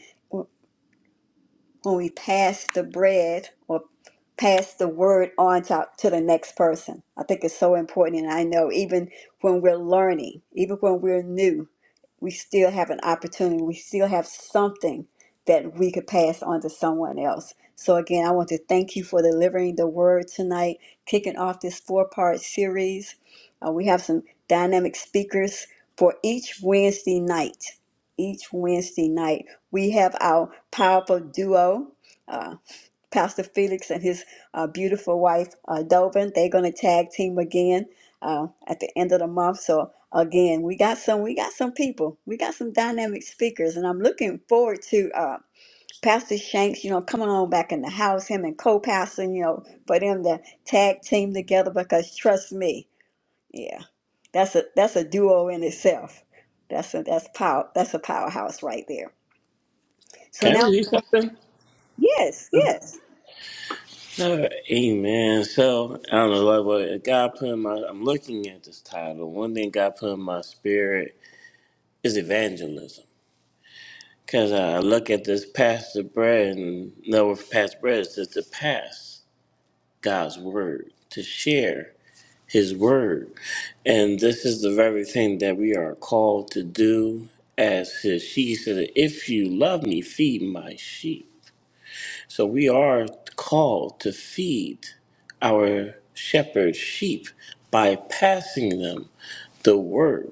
when we pass the bread or pass the word on to, to the next person. I think it's so important. And I know even when we're learning, even when we're new, we still have an opportunity. We still have something that we could pass on to someone else. So, again, I want to thank you for delivering the word tonight, kicking off this four part series. Uh, we have some dynamic speakers for each Wednesday night each Wednesday night. We have our powerful duo, uh, Pastor Felix and his uh, beautiful wife, uh, Dovin. They're going to tag team again uh, at the end of the month. So again, we got some, we got some people, we got some dynamic speakers, and I'm looking forward to uh, Pastor Shanks, you know, coming on back in the house, him and co-pastor, you know, for them to tag team together because trust me, yeah, that's a that's a duo in itself. That's a that's power that's a powerhouse right there. So
Can I
now,
read something?
yes, yes.
Uh, amen. So I don't know like what God put in my. I'm looking at this title. One thing God put in my spirit is evangelism. Cause I look at this past the bread and know past bread is just to pass God's word to share His word, and this is the very thing that we are called to do as His sheep. He said, "If you love me, feed my sheep." So we are called to feed our shepherd sheep by passing them the word.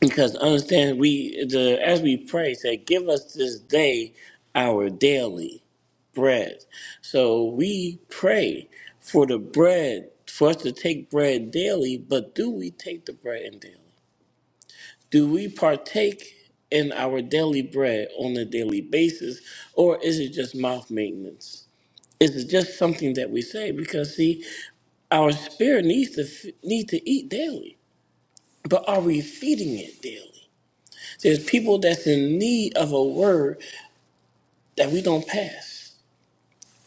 Because understand we the as we pray, say, give us this day our daily bread. So we pray for the bread, for us to take bread daily, but do we take the bread in daily? Do we partake in our daily bread on a daily basis, or is it just mouth maintenance? It's just something that we say because see, our spirit needs to f- need to eat daily, but are we feeding it daily? There's people that's in need of a word that we don't pass.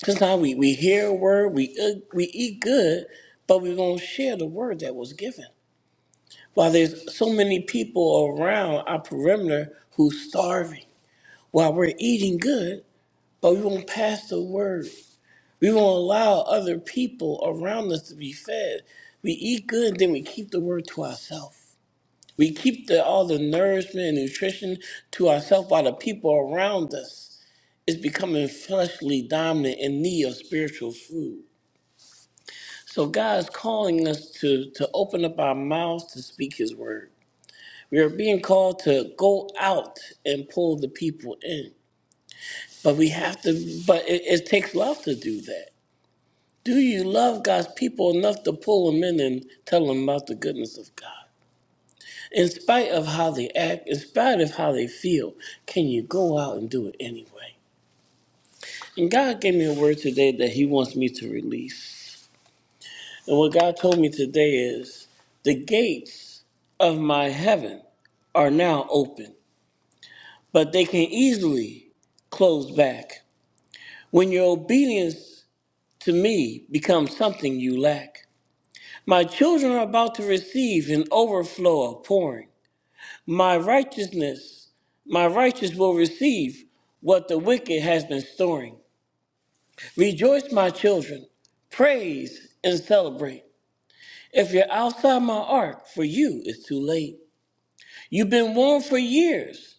Sometimes we, we hear a word, we eat- we eat good, but we don't share the word that was given. While there's so many people around our perimeter who's starving, while we're eating good, but we won't pass the word We won't allow other people around us to be fed. We eat good, then we keep the word to ourselves. We keep the, all the nourishment and nutrition to ourselves by the people around us. It's becoming fleshly dominant in need of spiritual food. So God is calling us to, to open up our mouths to speak His word. We are being called to go out and pull the people in, but we have to. But it, it takes love to do that. Do you love God's people enough to pull them in and tell them about the goodness of God? In spite of how they act, in spite of how they feel, can you go out and do it anyway? And God gave me a word today that He wants me to release. And what God told me today is the gates of my heaven are now open, but they can easily close back. When your obedience to me becomes something you lack, My children are about to receive an overflow of pouring. My righteousness, my righteous will receive what the wicked has been storing. Rejoice, my children, praise and celebrate. If you're outside my ark, for you it's too late. You've been warned for years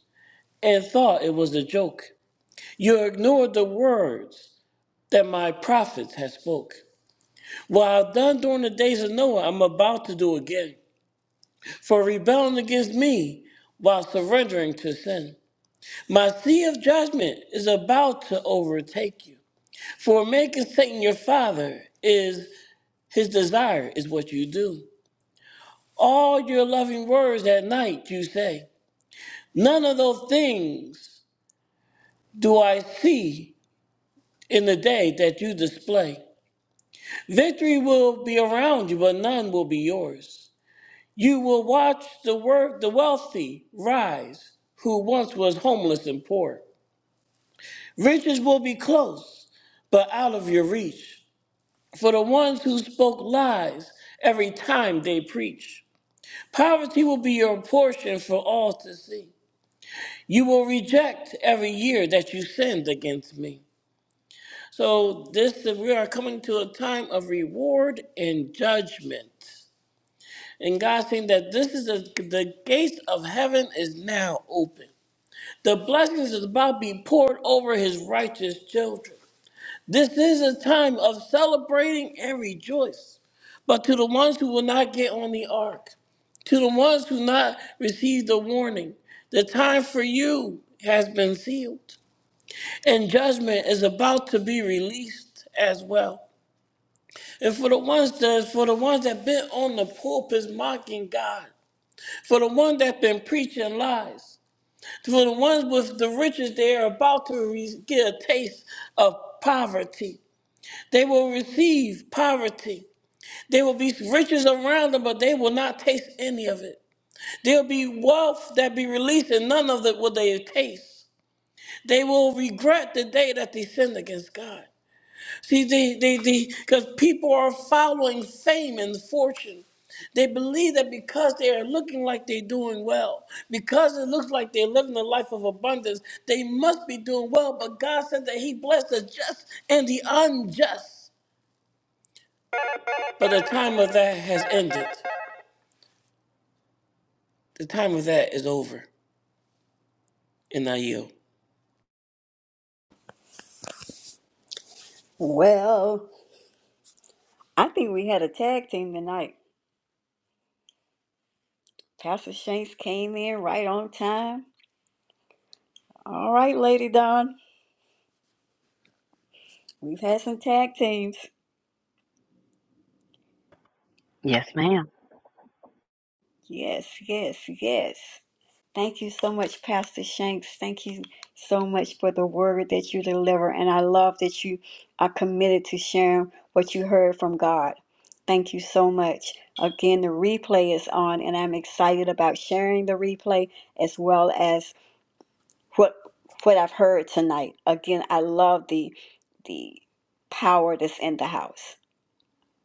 and thought it was a joke. You ignored the words that my prophets had spoke. What I've done during the days of Noah, I'm about to do again. for rebelling against me while surrendering to sin. My sea of judgment is about to overtake you. For making Satan your father is his desire, is what you do. All your loving words at night you say, None of those things do I see in the day that you display. Victory will be around you, but none will be yours. You will watch the work the wealthy rise, who once was homeless and poor. Riches will be close, but out of your reach. For the ones who spoke lies every time they preach. Poverty will be your portion for all to see. You will reject every year that you sinned against me. So this we are coming to a time of reward and judgment. And God saying that this is the, the gates of heaven is now open. The blessings is about to be poured over his righteous children. This is a time of celebrating and rejoice. But to the ones who will not get on the ark, to the ones who not receive the warning, the time for you has been sealed, and judgment is about to be released as well. And for the ones that for the ones that been on the pulpits mocking God, for the ones that been preaching lies, for the ones with the riches, they are about to re- get a taste of poverty. They will receive poverty. There will be riches around them, but they will not taste any of it. There'll be wealth that be released, and none of it will they taste. They will regret the day that they sinned against God. See, they, they, because people are following fame and fortune. They believe that because they are looking like they're doing well, because it looks like they're living a life of abundance, they must be doing well. But God said that He blessed the just and the unjust. But the time of that has ended. The time of that is over and I yield.
Well, I think we had a tag team tonight. Pastor Shanks came in right on time. All right, Lady Dawn, we've had some tag teams.
Yes, ma'am.
Yes, yes, yes. Thank you so much, Pastor Shanks. Thank you so much for the word that you deliver. And I love that you are committed to sharing what you heard from God. Thank you so much. Again, the replay is on, and I'm excited about sharing the replay as well as what what I've heard tonight. Again, I love the the power that's in the house.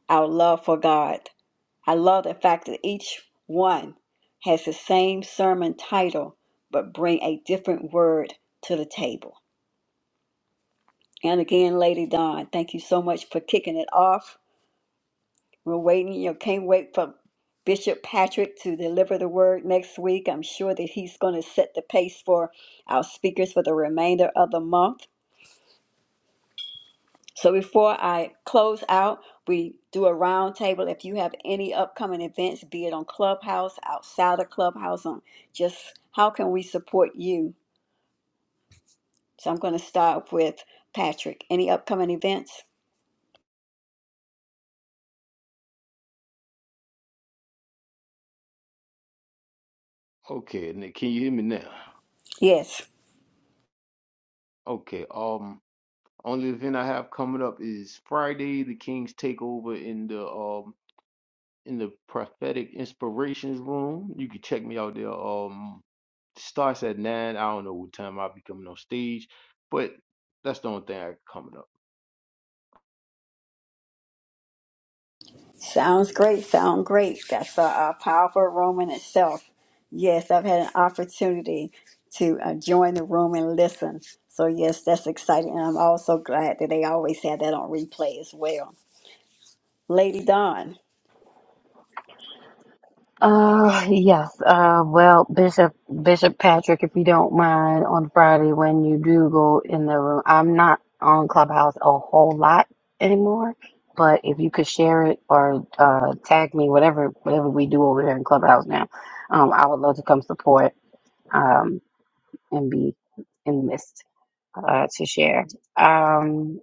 Our love for God. I love the fact that each one has the same sermon title, but bring a different word to the table. And again, Lady Dawn, thank you so much for kicking it off. We're waiting, you know, can't wait for Bishop Patrick to deliver the word next week. I'm sure that he's going to set the pace for our speakers for the remainder of the month. So before I close out, we do a round table. If you have any upcoming events, be it on Clubhouse, outside of Clubhouse, on just how can we support you? So I'm going to start with Patrick. Any upcoming events?
Okay, and can you hear me now?
Yes.
Okay. Um, only event I have coming up is Friday, the King's Takeover in the um in the Prophetic Inspirations Room. You can check me out there. Um, starts at nine. I don't know what time I'll be coming on stage, but that's the only thing I got coming up.
Sounds great. Sound great. That's a, a powerful room in itself. Yes, I've had an opportunity to uh, join the room and listen. So yes, that's exciting. And I'm also glad that they always have that on replay as well. Lady Dawn.
Uh, yes. Uh, well, Bishop Bishop Patrick, if you don't mind, on Friday when you do go in the room, I'm not on Clubhouse a whole lot anymore. But if you could share it or uh, tag me, whatever whatever we do over here in Clubhouse now, um, I would love to come support um, and be in the midst uh, to share. Um,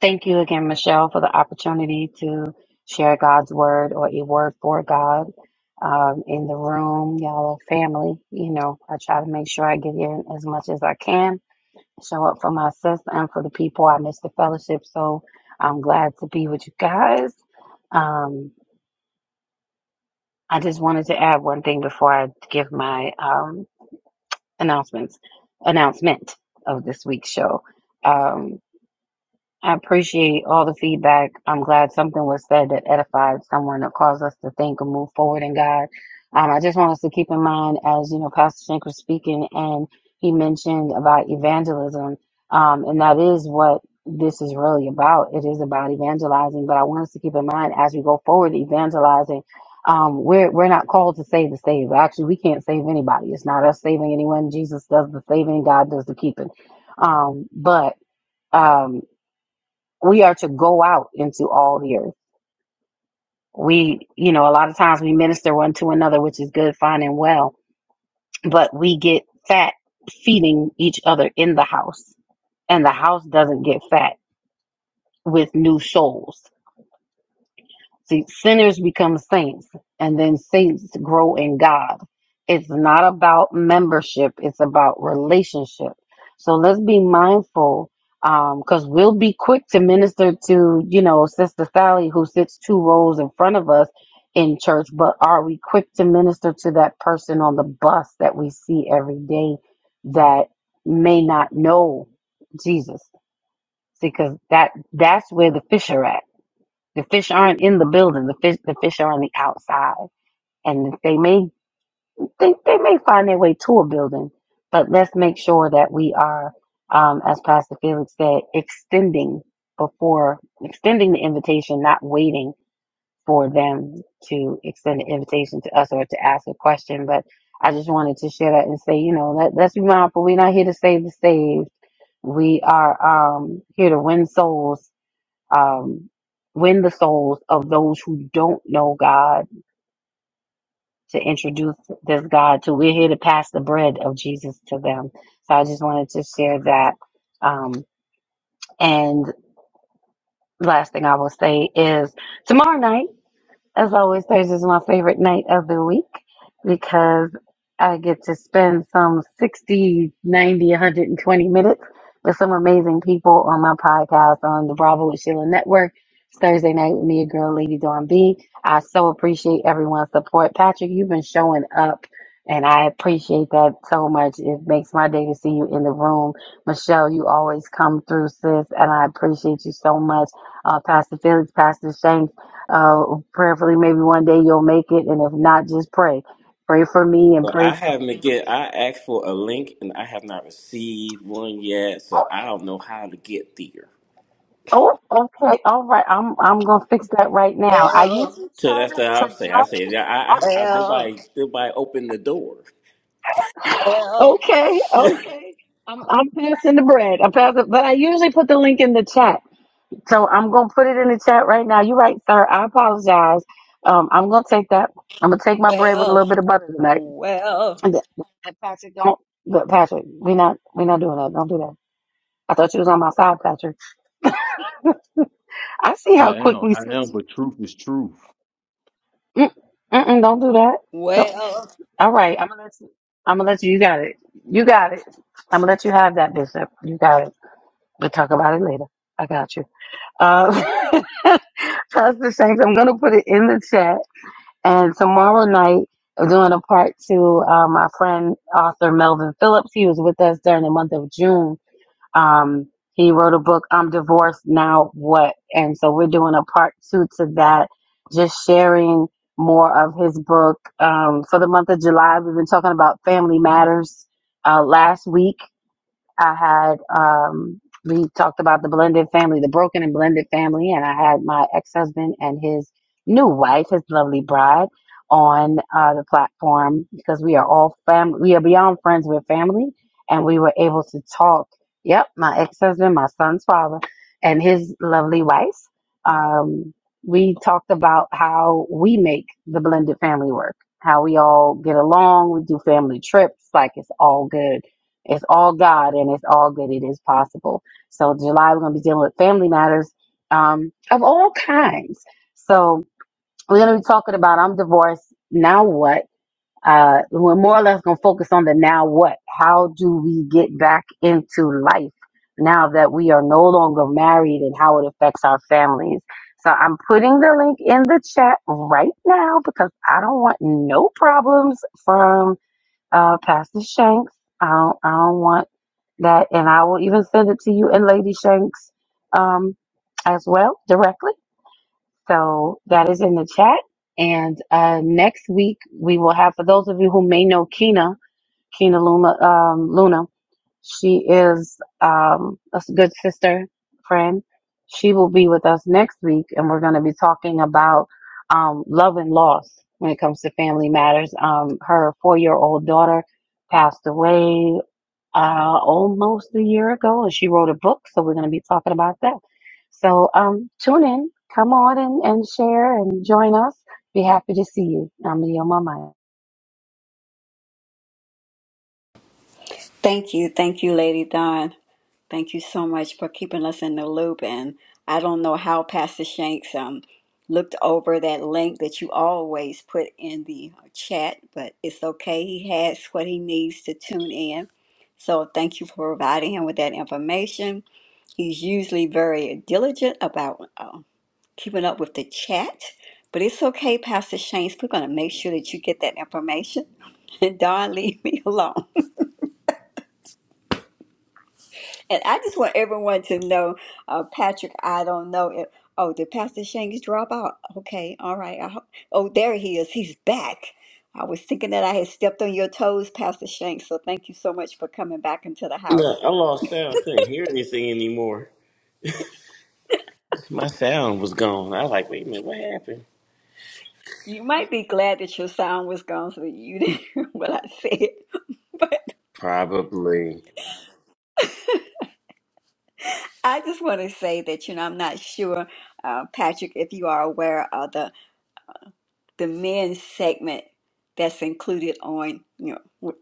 Thank you again, Michelle, for the opportunity to share God's word or a word for God um, in the room. Y'all are family. You know, I try to make sure I get in as much as I can, show up for my sister and for the people. I miss the fellowship, so I'm glad to be with you guys. Um, I just wanted to add one thing before I give my um, announcements announcement of this week's show. Um, I appreciate all the feedback. I'm glad something was said that edified someone that caused us to think and move forward in God. Um, I just want us to keep in mind, as you know, Pastor Shank was speaking, and he mentioned about evangelism, um, and that is what this is really about. It is about evangelizing. But I want us to keep in mind as we go forward, evangelizing. Um, we're we're not called to save the saved. Actually, we can't save anybody. It's not us saving anyone. Jesus does the saving. God does the keeping. Um, but um, we are to go out into all the earth. We, you know, a lot of times we minister one to another, which is good, fine, and well, but we get fat feeding each other in the house, and the house doesn't get fat with new souls. See, sinners become saints, and then saints grow in God. It's not about membership, it's about relationship. So let's be mindful because we'll be quick to minister to, you know, Sister Sally who sits two rows in front of us in church, but are we quick to minister to that person on the bus that we see every day that may not know Jesus? Because that that's where the fish are at the fish aren't in the building. The fish the fish are on the outside, and they may they, they may find their way to a building. But let's make sure that we are, um, as Pastor Felix said, extending before extending the invitation, not waiting for them to extend the invitation to us or to ask a question. But I just wanted to share that and say, you know, let, let's be mindful. We're not here to save the saved. We are um, here to win souls um, win the souls of those who don't know God to introduce this God to. We're here to pass the bread of Jesus to them. So I just wanted to share that. Um, and last thing I will say is tomorrow night. As always, Thursday is my favorite night of the week because I get to spend some 60, 90, 120 minutes with some amazing people on my podcast on the Bravo with Sheila Network. It's Thursday night with me, your girl, Lady Dawn B. I so appreciate everyone's support. Patrick, you've been showing up, and I appreciate that so much. It makes my day to see you in the room. Michelle, you always come through, sis, and I appreciate you so much. Uh, Pastor Felix, Pastor Shane. Uh, prayerfully, maybe one day you'll make it, and if not, just pray. Pray for me and
But
pray
I
for
haven't
the
get. I
station.
asked for a link and I have not received one yet, so
Oh,
I don't know how to get there.
oh, okay, all right. I'm I'm gonna fix that right now. I usually
So
try
that's what
to,
I'm
to
saying. I
jump.
say yeah, I, I, I
Well,
nobody, nobody opened the door.
Well,
Okay,
no,
okay. I'm I'm passing the bread. I'm passing, but I usually put the link in the chat. So I'm gonna put it in the chat right now. You're right, sir. I apologize. Um, I'm gonna take that. I'm gonna take my bread with a little
well,
bit of butter tonight.
well,
And th- and Patrick, don't, but Patrick, we not we not doing that. Don't do that. I thought you was on my side, Patrick. I see how
I
quick
am,
we
I
switch.
am, but truth is truth.
Mm, Mm-mm, don't do that. Don't.
well.
All right, I'm gonna let you. I'm gonna let you. You got it. You got it. I'm gonna let you have that, Bishop. You got it. We'll talk about it later. I got you. Uh, Pastor Shanks, I'm gonna put it in the chat. And tomorrow night, we're doing a part to uh, my friend author Melvin Phillips. He was with us during the month of June Um, he wrote a book, I'm Divorced Now What? And so we're doing a part two to that, just sharing more of his book. Um, for the month of July, we've been talking about family matters uh, last week. I had um, we talked about the blended family, the broken and blended family, and I had my ex husband and his new wife, his lovely bride, on uh, the platform because we are all family. We are beyond friends, we're family, and we were able to talk. Yep, my ex husband, my son's father, and his lovely wife. Um, we talked about how we make the blended family work, how we all get along. We do family trips, like it's all good it's all God and it's all good. It is possible. So July, we're going to be dealing with family matters, um, all kinds. So we're going to be talking about I'm divorced. Now what? Uh, we're more or less going to focus on the now what? How do we get back into life now that we are no longer married and how it affects our families? So I'm putting the link in the chat right now because I don't want no problems from uh, Pastor Shanks. I don't, I don't want that, and I will even send it to you and Lady Shanks um, as well directly. So that is in the chat. And uh, next week we will have for those of you who may know Kina, Keena Luma, um, Luna. She is um, a s- good sister, friend. She will be with us next week, and we're going to be talking about um, love and loss when it comes to family matters. Um, her four year old daughter passed away uh, almost a year ago, and she wrote a book, so we're going to be talking about that. So um, tune in, come on and, and share and join us. Be happy to see you. I'm Leo Mama.
Thank you. Thank you, Lady Don. Thank you so much for keeping us in the loop. And I don't know how Pastor Shanks um, looked over that link that you always put in the chat, but it's okay. He has what he needs to tune in. So thank you for providing him with that information. He's usually very diligent about uh, keeping up with the chat, but it's okay, Pastor Shanks. We're going to make sure that you get that information. And Don, leave me alone. And I just want everyone to know, uh, Patrick, I don't know if, oh, did Pastor Shanks drop out? Okay, all right. I hope, oh, there he is. He's back. I was thinking that I had stepped on your toes, Pastor Shanks, so thank you so much for coming back into the house.
I lost sound. Couldn't hear anything anymore. My sound was gone. I was like, wait a minute, what happened?
You might be glad that your sound was gone so that you didn't hear what I said.
Probably
I just want to say that, you know, I'm not sure, uh, Patrick, if you are aware of the, the men's segment that's included on, you know, with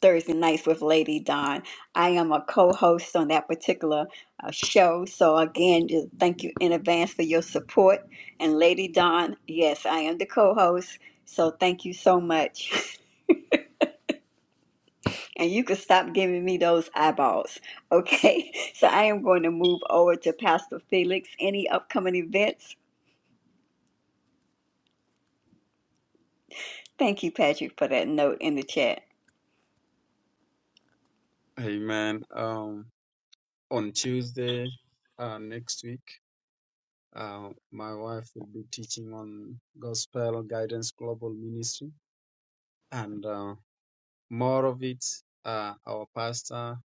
Thursday nights with Lady Dawn. I am a co-host on that particular uh, show. So again, just thank you in advance for your support. And Lady Dawn, yes, I am the co-host. So thank you so much. And you can stop giving me those eyeballs. Okay. So I am going to move over to Pastor Felix. Any upcoming events? Thank you, Patrick, for that note in the chat.
Amen. Um, on Tuesday uh, next week, uh, my wife will be teaching on Gospel Guidance Global Ministry and uh, more of it. Uh, our pastor,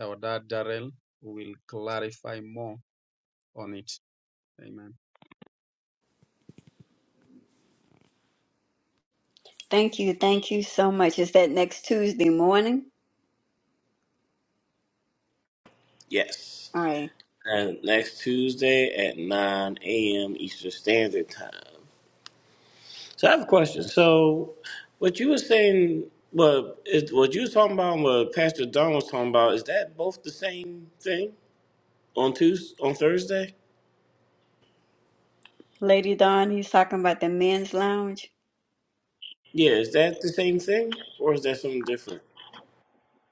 our dad Darrell, will clarify more on it. Amen.
Thank you, thank you so much. Is that next Tuesday morning?
yes.
All right.
And next Tuesday at 9 a.m. Eastern Standard Time. So I have a question. So what you were saying, well, is, what you was talking about, and what Pastor Don was talking about, is that both the same thing on Tuesday, on Thursday?
Lady Dawn, he's talking about the men's lounge.
Yeah, is that the same thing, or is that something different?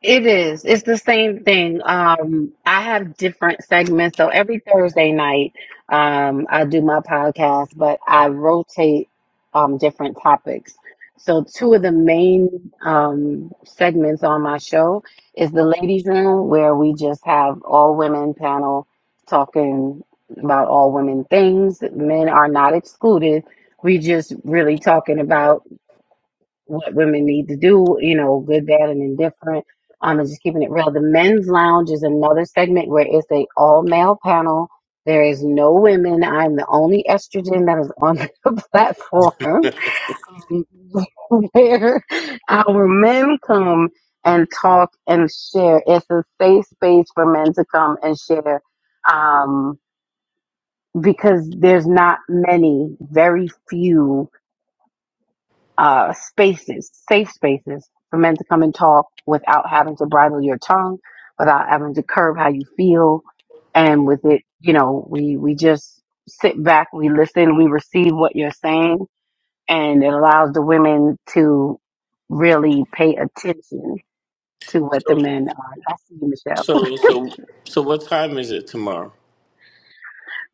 It is. It's the same thing. Um, I have different segments. So every Thursday night, um, I do my podcast, but I rotate um, different topics. So two of the main um, segments on my show is the ladies' room, where we just have all women panel talking about all women things. Men are not excluded. We just really talking about what women need to do, you know, good, bad, and indifferent. Um, and just keeping it real. The men's lounge is another segment where it's a all male panel. There is no women. I'm the only estrogen that is on the platform. Um, where our men come and talk and share. It's a safe space for men to come and share. Um, because there's not many, very few uh, spaces, safe spaces for men to come and talk without having to bridle your tongue, without having to curb how you feel. And with it, you know, we, we just sit back, we listen, we receive what you're saying, and it allows the women to really pay attention to what the
So,
men are. I see you, Michelle.
so, so, so, what time is it tomorrow?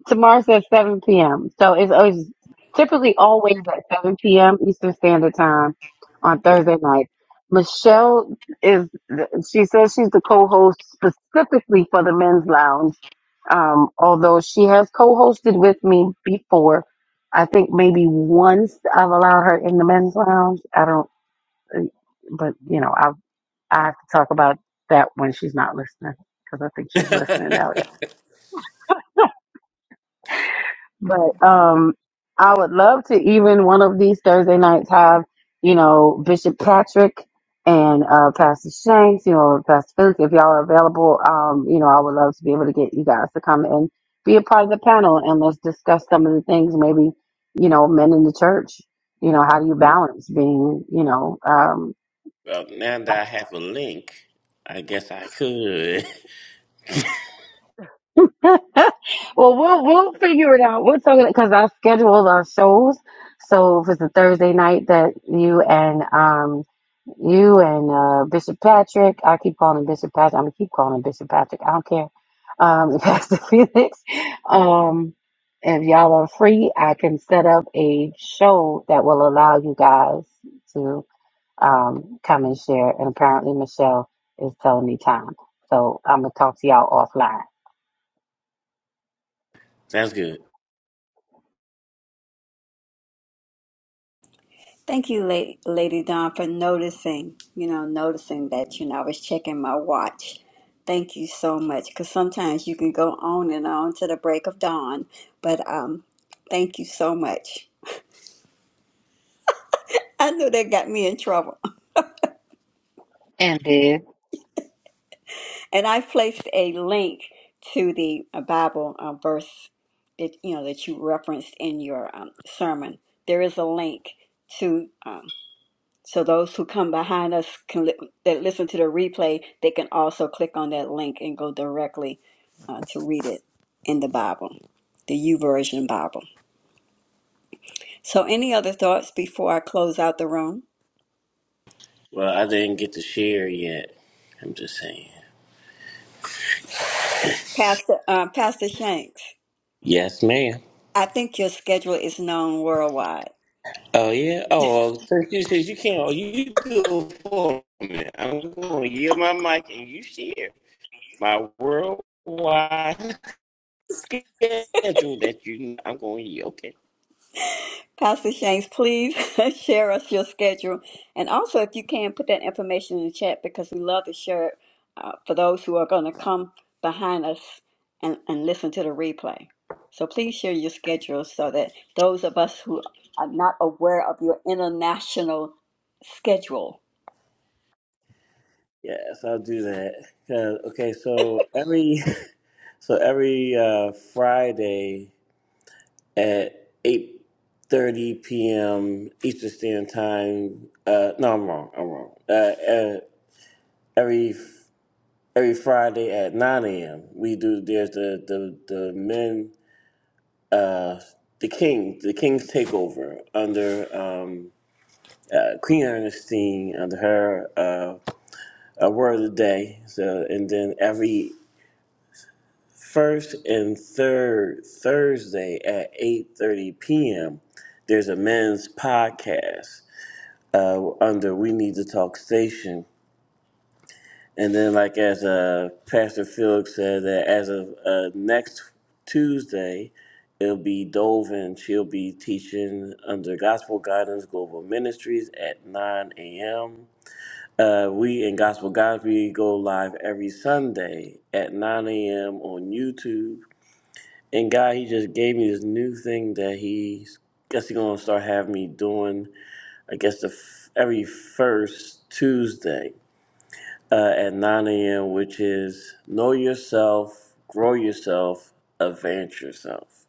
Tomorrow's at 7 p.m. So it's always typically always at 7 p.m. Eastern Standard Time on Thursday night. Michelle is, she says she's the co-host specifically for the Men's Lounge. Um, although she has co-hosted with me before, I think maybe once I've allowed her in the Men's Lounge. I don't, but you know, I I have to talk about that when she's not listening because I think she's
well,
listening now. But um, I would love to even one of these Thursday nights have, you know, Bishop Patrick and uh, Pastor Shanks, you know, Pastor Felix, if y'all are available, um, you know, I would love to be able to get you guys to come and be a part of the panel and let's discuss some of the things maybe, you know, men in the church, you know, how do you balance being, you know, um,
now that I have a link, I guess I could.
well, we'll we'll figure it out. We're talking because our schedules are shows. So if it's a Thursday night that you and um you and uh, Bishop Patrick, I keep calling him Bishop Patrick. I'm gonna keep calling him Bishop Patrick. I don't care. Um, Pastor Felix. Um, if y'all are free, I can set up a show that will allow you guys to um come and share. And apparently Michelle is telling me time. So I'm gonna talk to y'all offline.
That's good.
Thank you, La- Lady Dawn, for noticing, you know, noticing that, you know, I was checking my watch. Thank you so much, because sometimes you can go on and on to the break of dawn. But um, thank you so much. I know that got me in trouble.
And did.
And I placed a link to the uh, Bible uh, verse that you know that you referenced in your um, sermon. There is a link to um, so those who come behind us can li- that listen to the replay. They can also click on that link and go directly uh, to read it in the Bible, the U Version Bible. So, any other thoughts before I close out the room,
Well, I didn't get to share yet. I'm just saying.
Pastor uh, Pastor Shanks?
Yes, ma'am.
I think your schedule is known worldwide.
Oh yeah. Oh, well, since you says you can't, oh, you do it for me. I'm going to yield my mic and you share my worldwide schedule that you. I'm going to yield. Okay.
Pastor Shanks, please share us your schedule. And also, if you can, put that information in the chat because we love to share it uh, for those who are going to come behind us and, and listen to the replay. So please share your schedule so that those of us who are not aware of your international schedule.
Yes, I'll do that. Uh, okay, so every so every uh, Friday at eight thirty p.m. Eastern Standard Time. Uh, no, I'm wrong. I'm wrong. Uh, uh, every every Friday at 9 a.m. We do there's the the the men uh the king the king's takeover under um uh, Queen Ernestine under her uh a word of the day so and then every first and third Thursday at 8:30 p.m. there's a men's podcast uh under We Need to Talk Station And then, like as uh, Pastor Felix said, that as of uh, next Tuesday, it'll be Dovin. She'll be teaching under Gospel Guidance Global Ministries at 9 a.m. Uh, we in Gospel Guidance we go live every Sunday at 9 a.m. on YouTube. And God, He just gave me this new thing that He's guess He's gonna start having me doing. I guess the f- every first Tuesday uh, at 9 a.m., which is know yourself, grow yourself, advance yourself.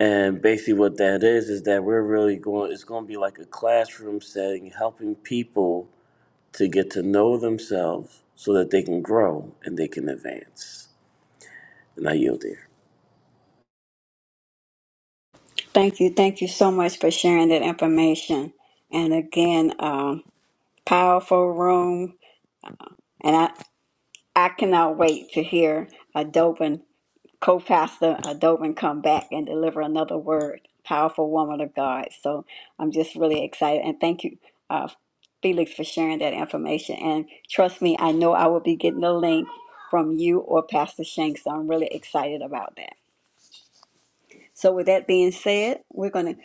And basically, what that is is that we're really going. It's going to be like a classroom setting, helping people to get to know themselves so that they can grow and they can advance. And I yield there.
Thank you. Thank you so much for sharing that information. And again, um, powerful room. And I, I cannot wait to hear Adobin co-pastor Dovin come back and deliver another word. Powerful woman of God. So I'm just really excited and thank you, uh, Felix, for sharing that information. And trust me, I know I will be getting the link from you or Pastor Shanks. So I'm really excited about that. So with that being said, we're gonna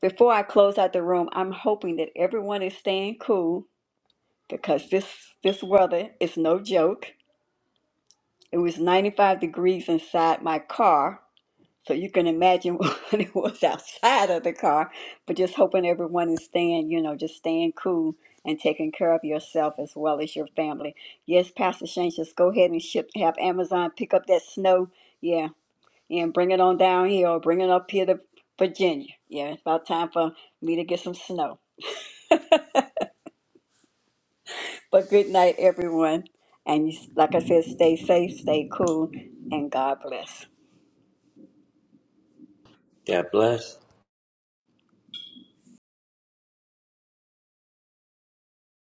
before I close out the room, I'm hoping that everyone is staying cool because this this weather is no joke. It was 95 degrees inside my car So you can imagine what it was outside of the car, but just hoping everyone is staying, you know, just staying cool and taking care of yourself as well as your family. Yes, Pastor Shane, just go ahead and ship, have Amazon pick up that snow. Yeah, and bring it on down here or bring it up here to Virginia. Yeah, it's about time for me to get some snow. But good night, everyone. And you, like I said, stay safe, stay cool, and God bless.
God bless.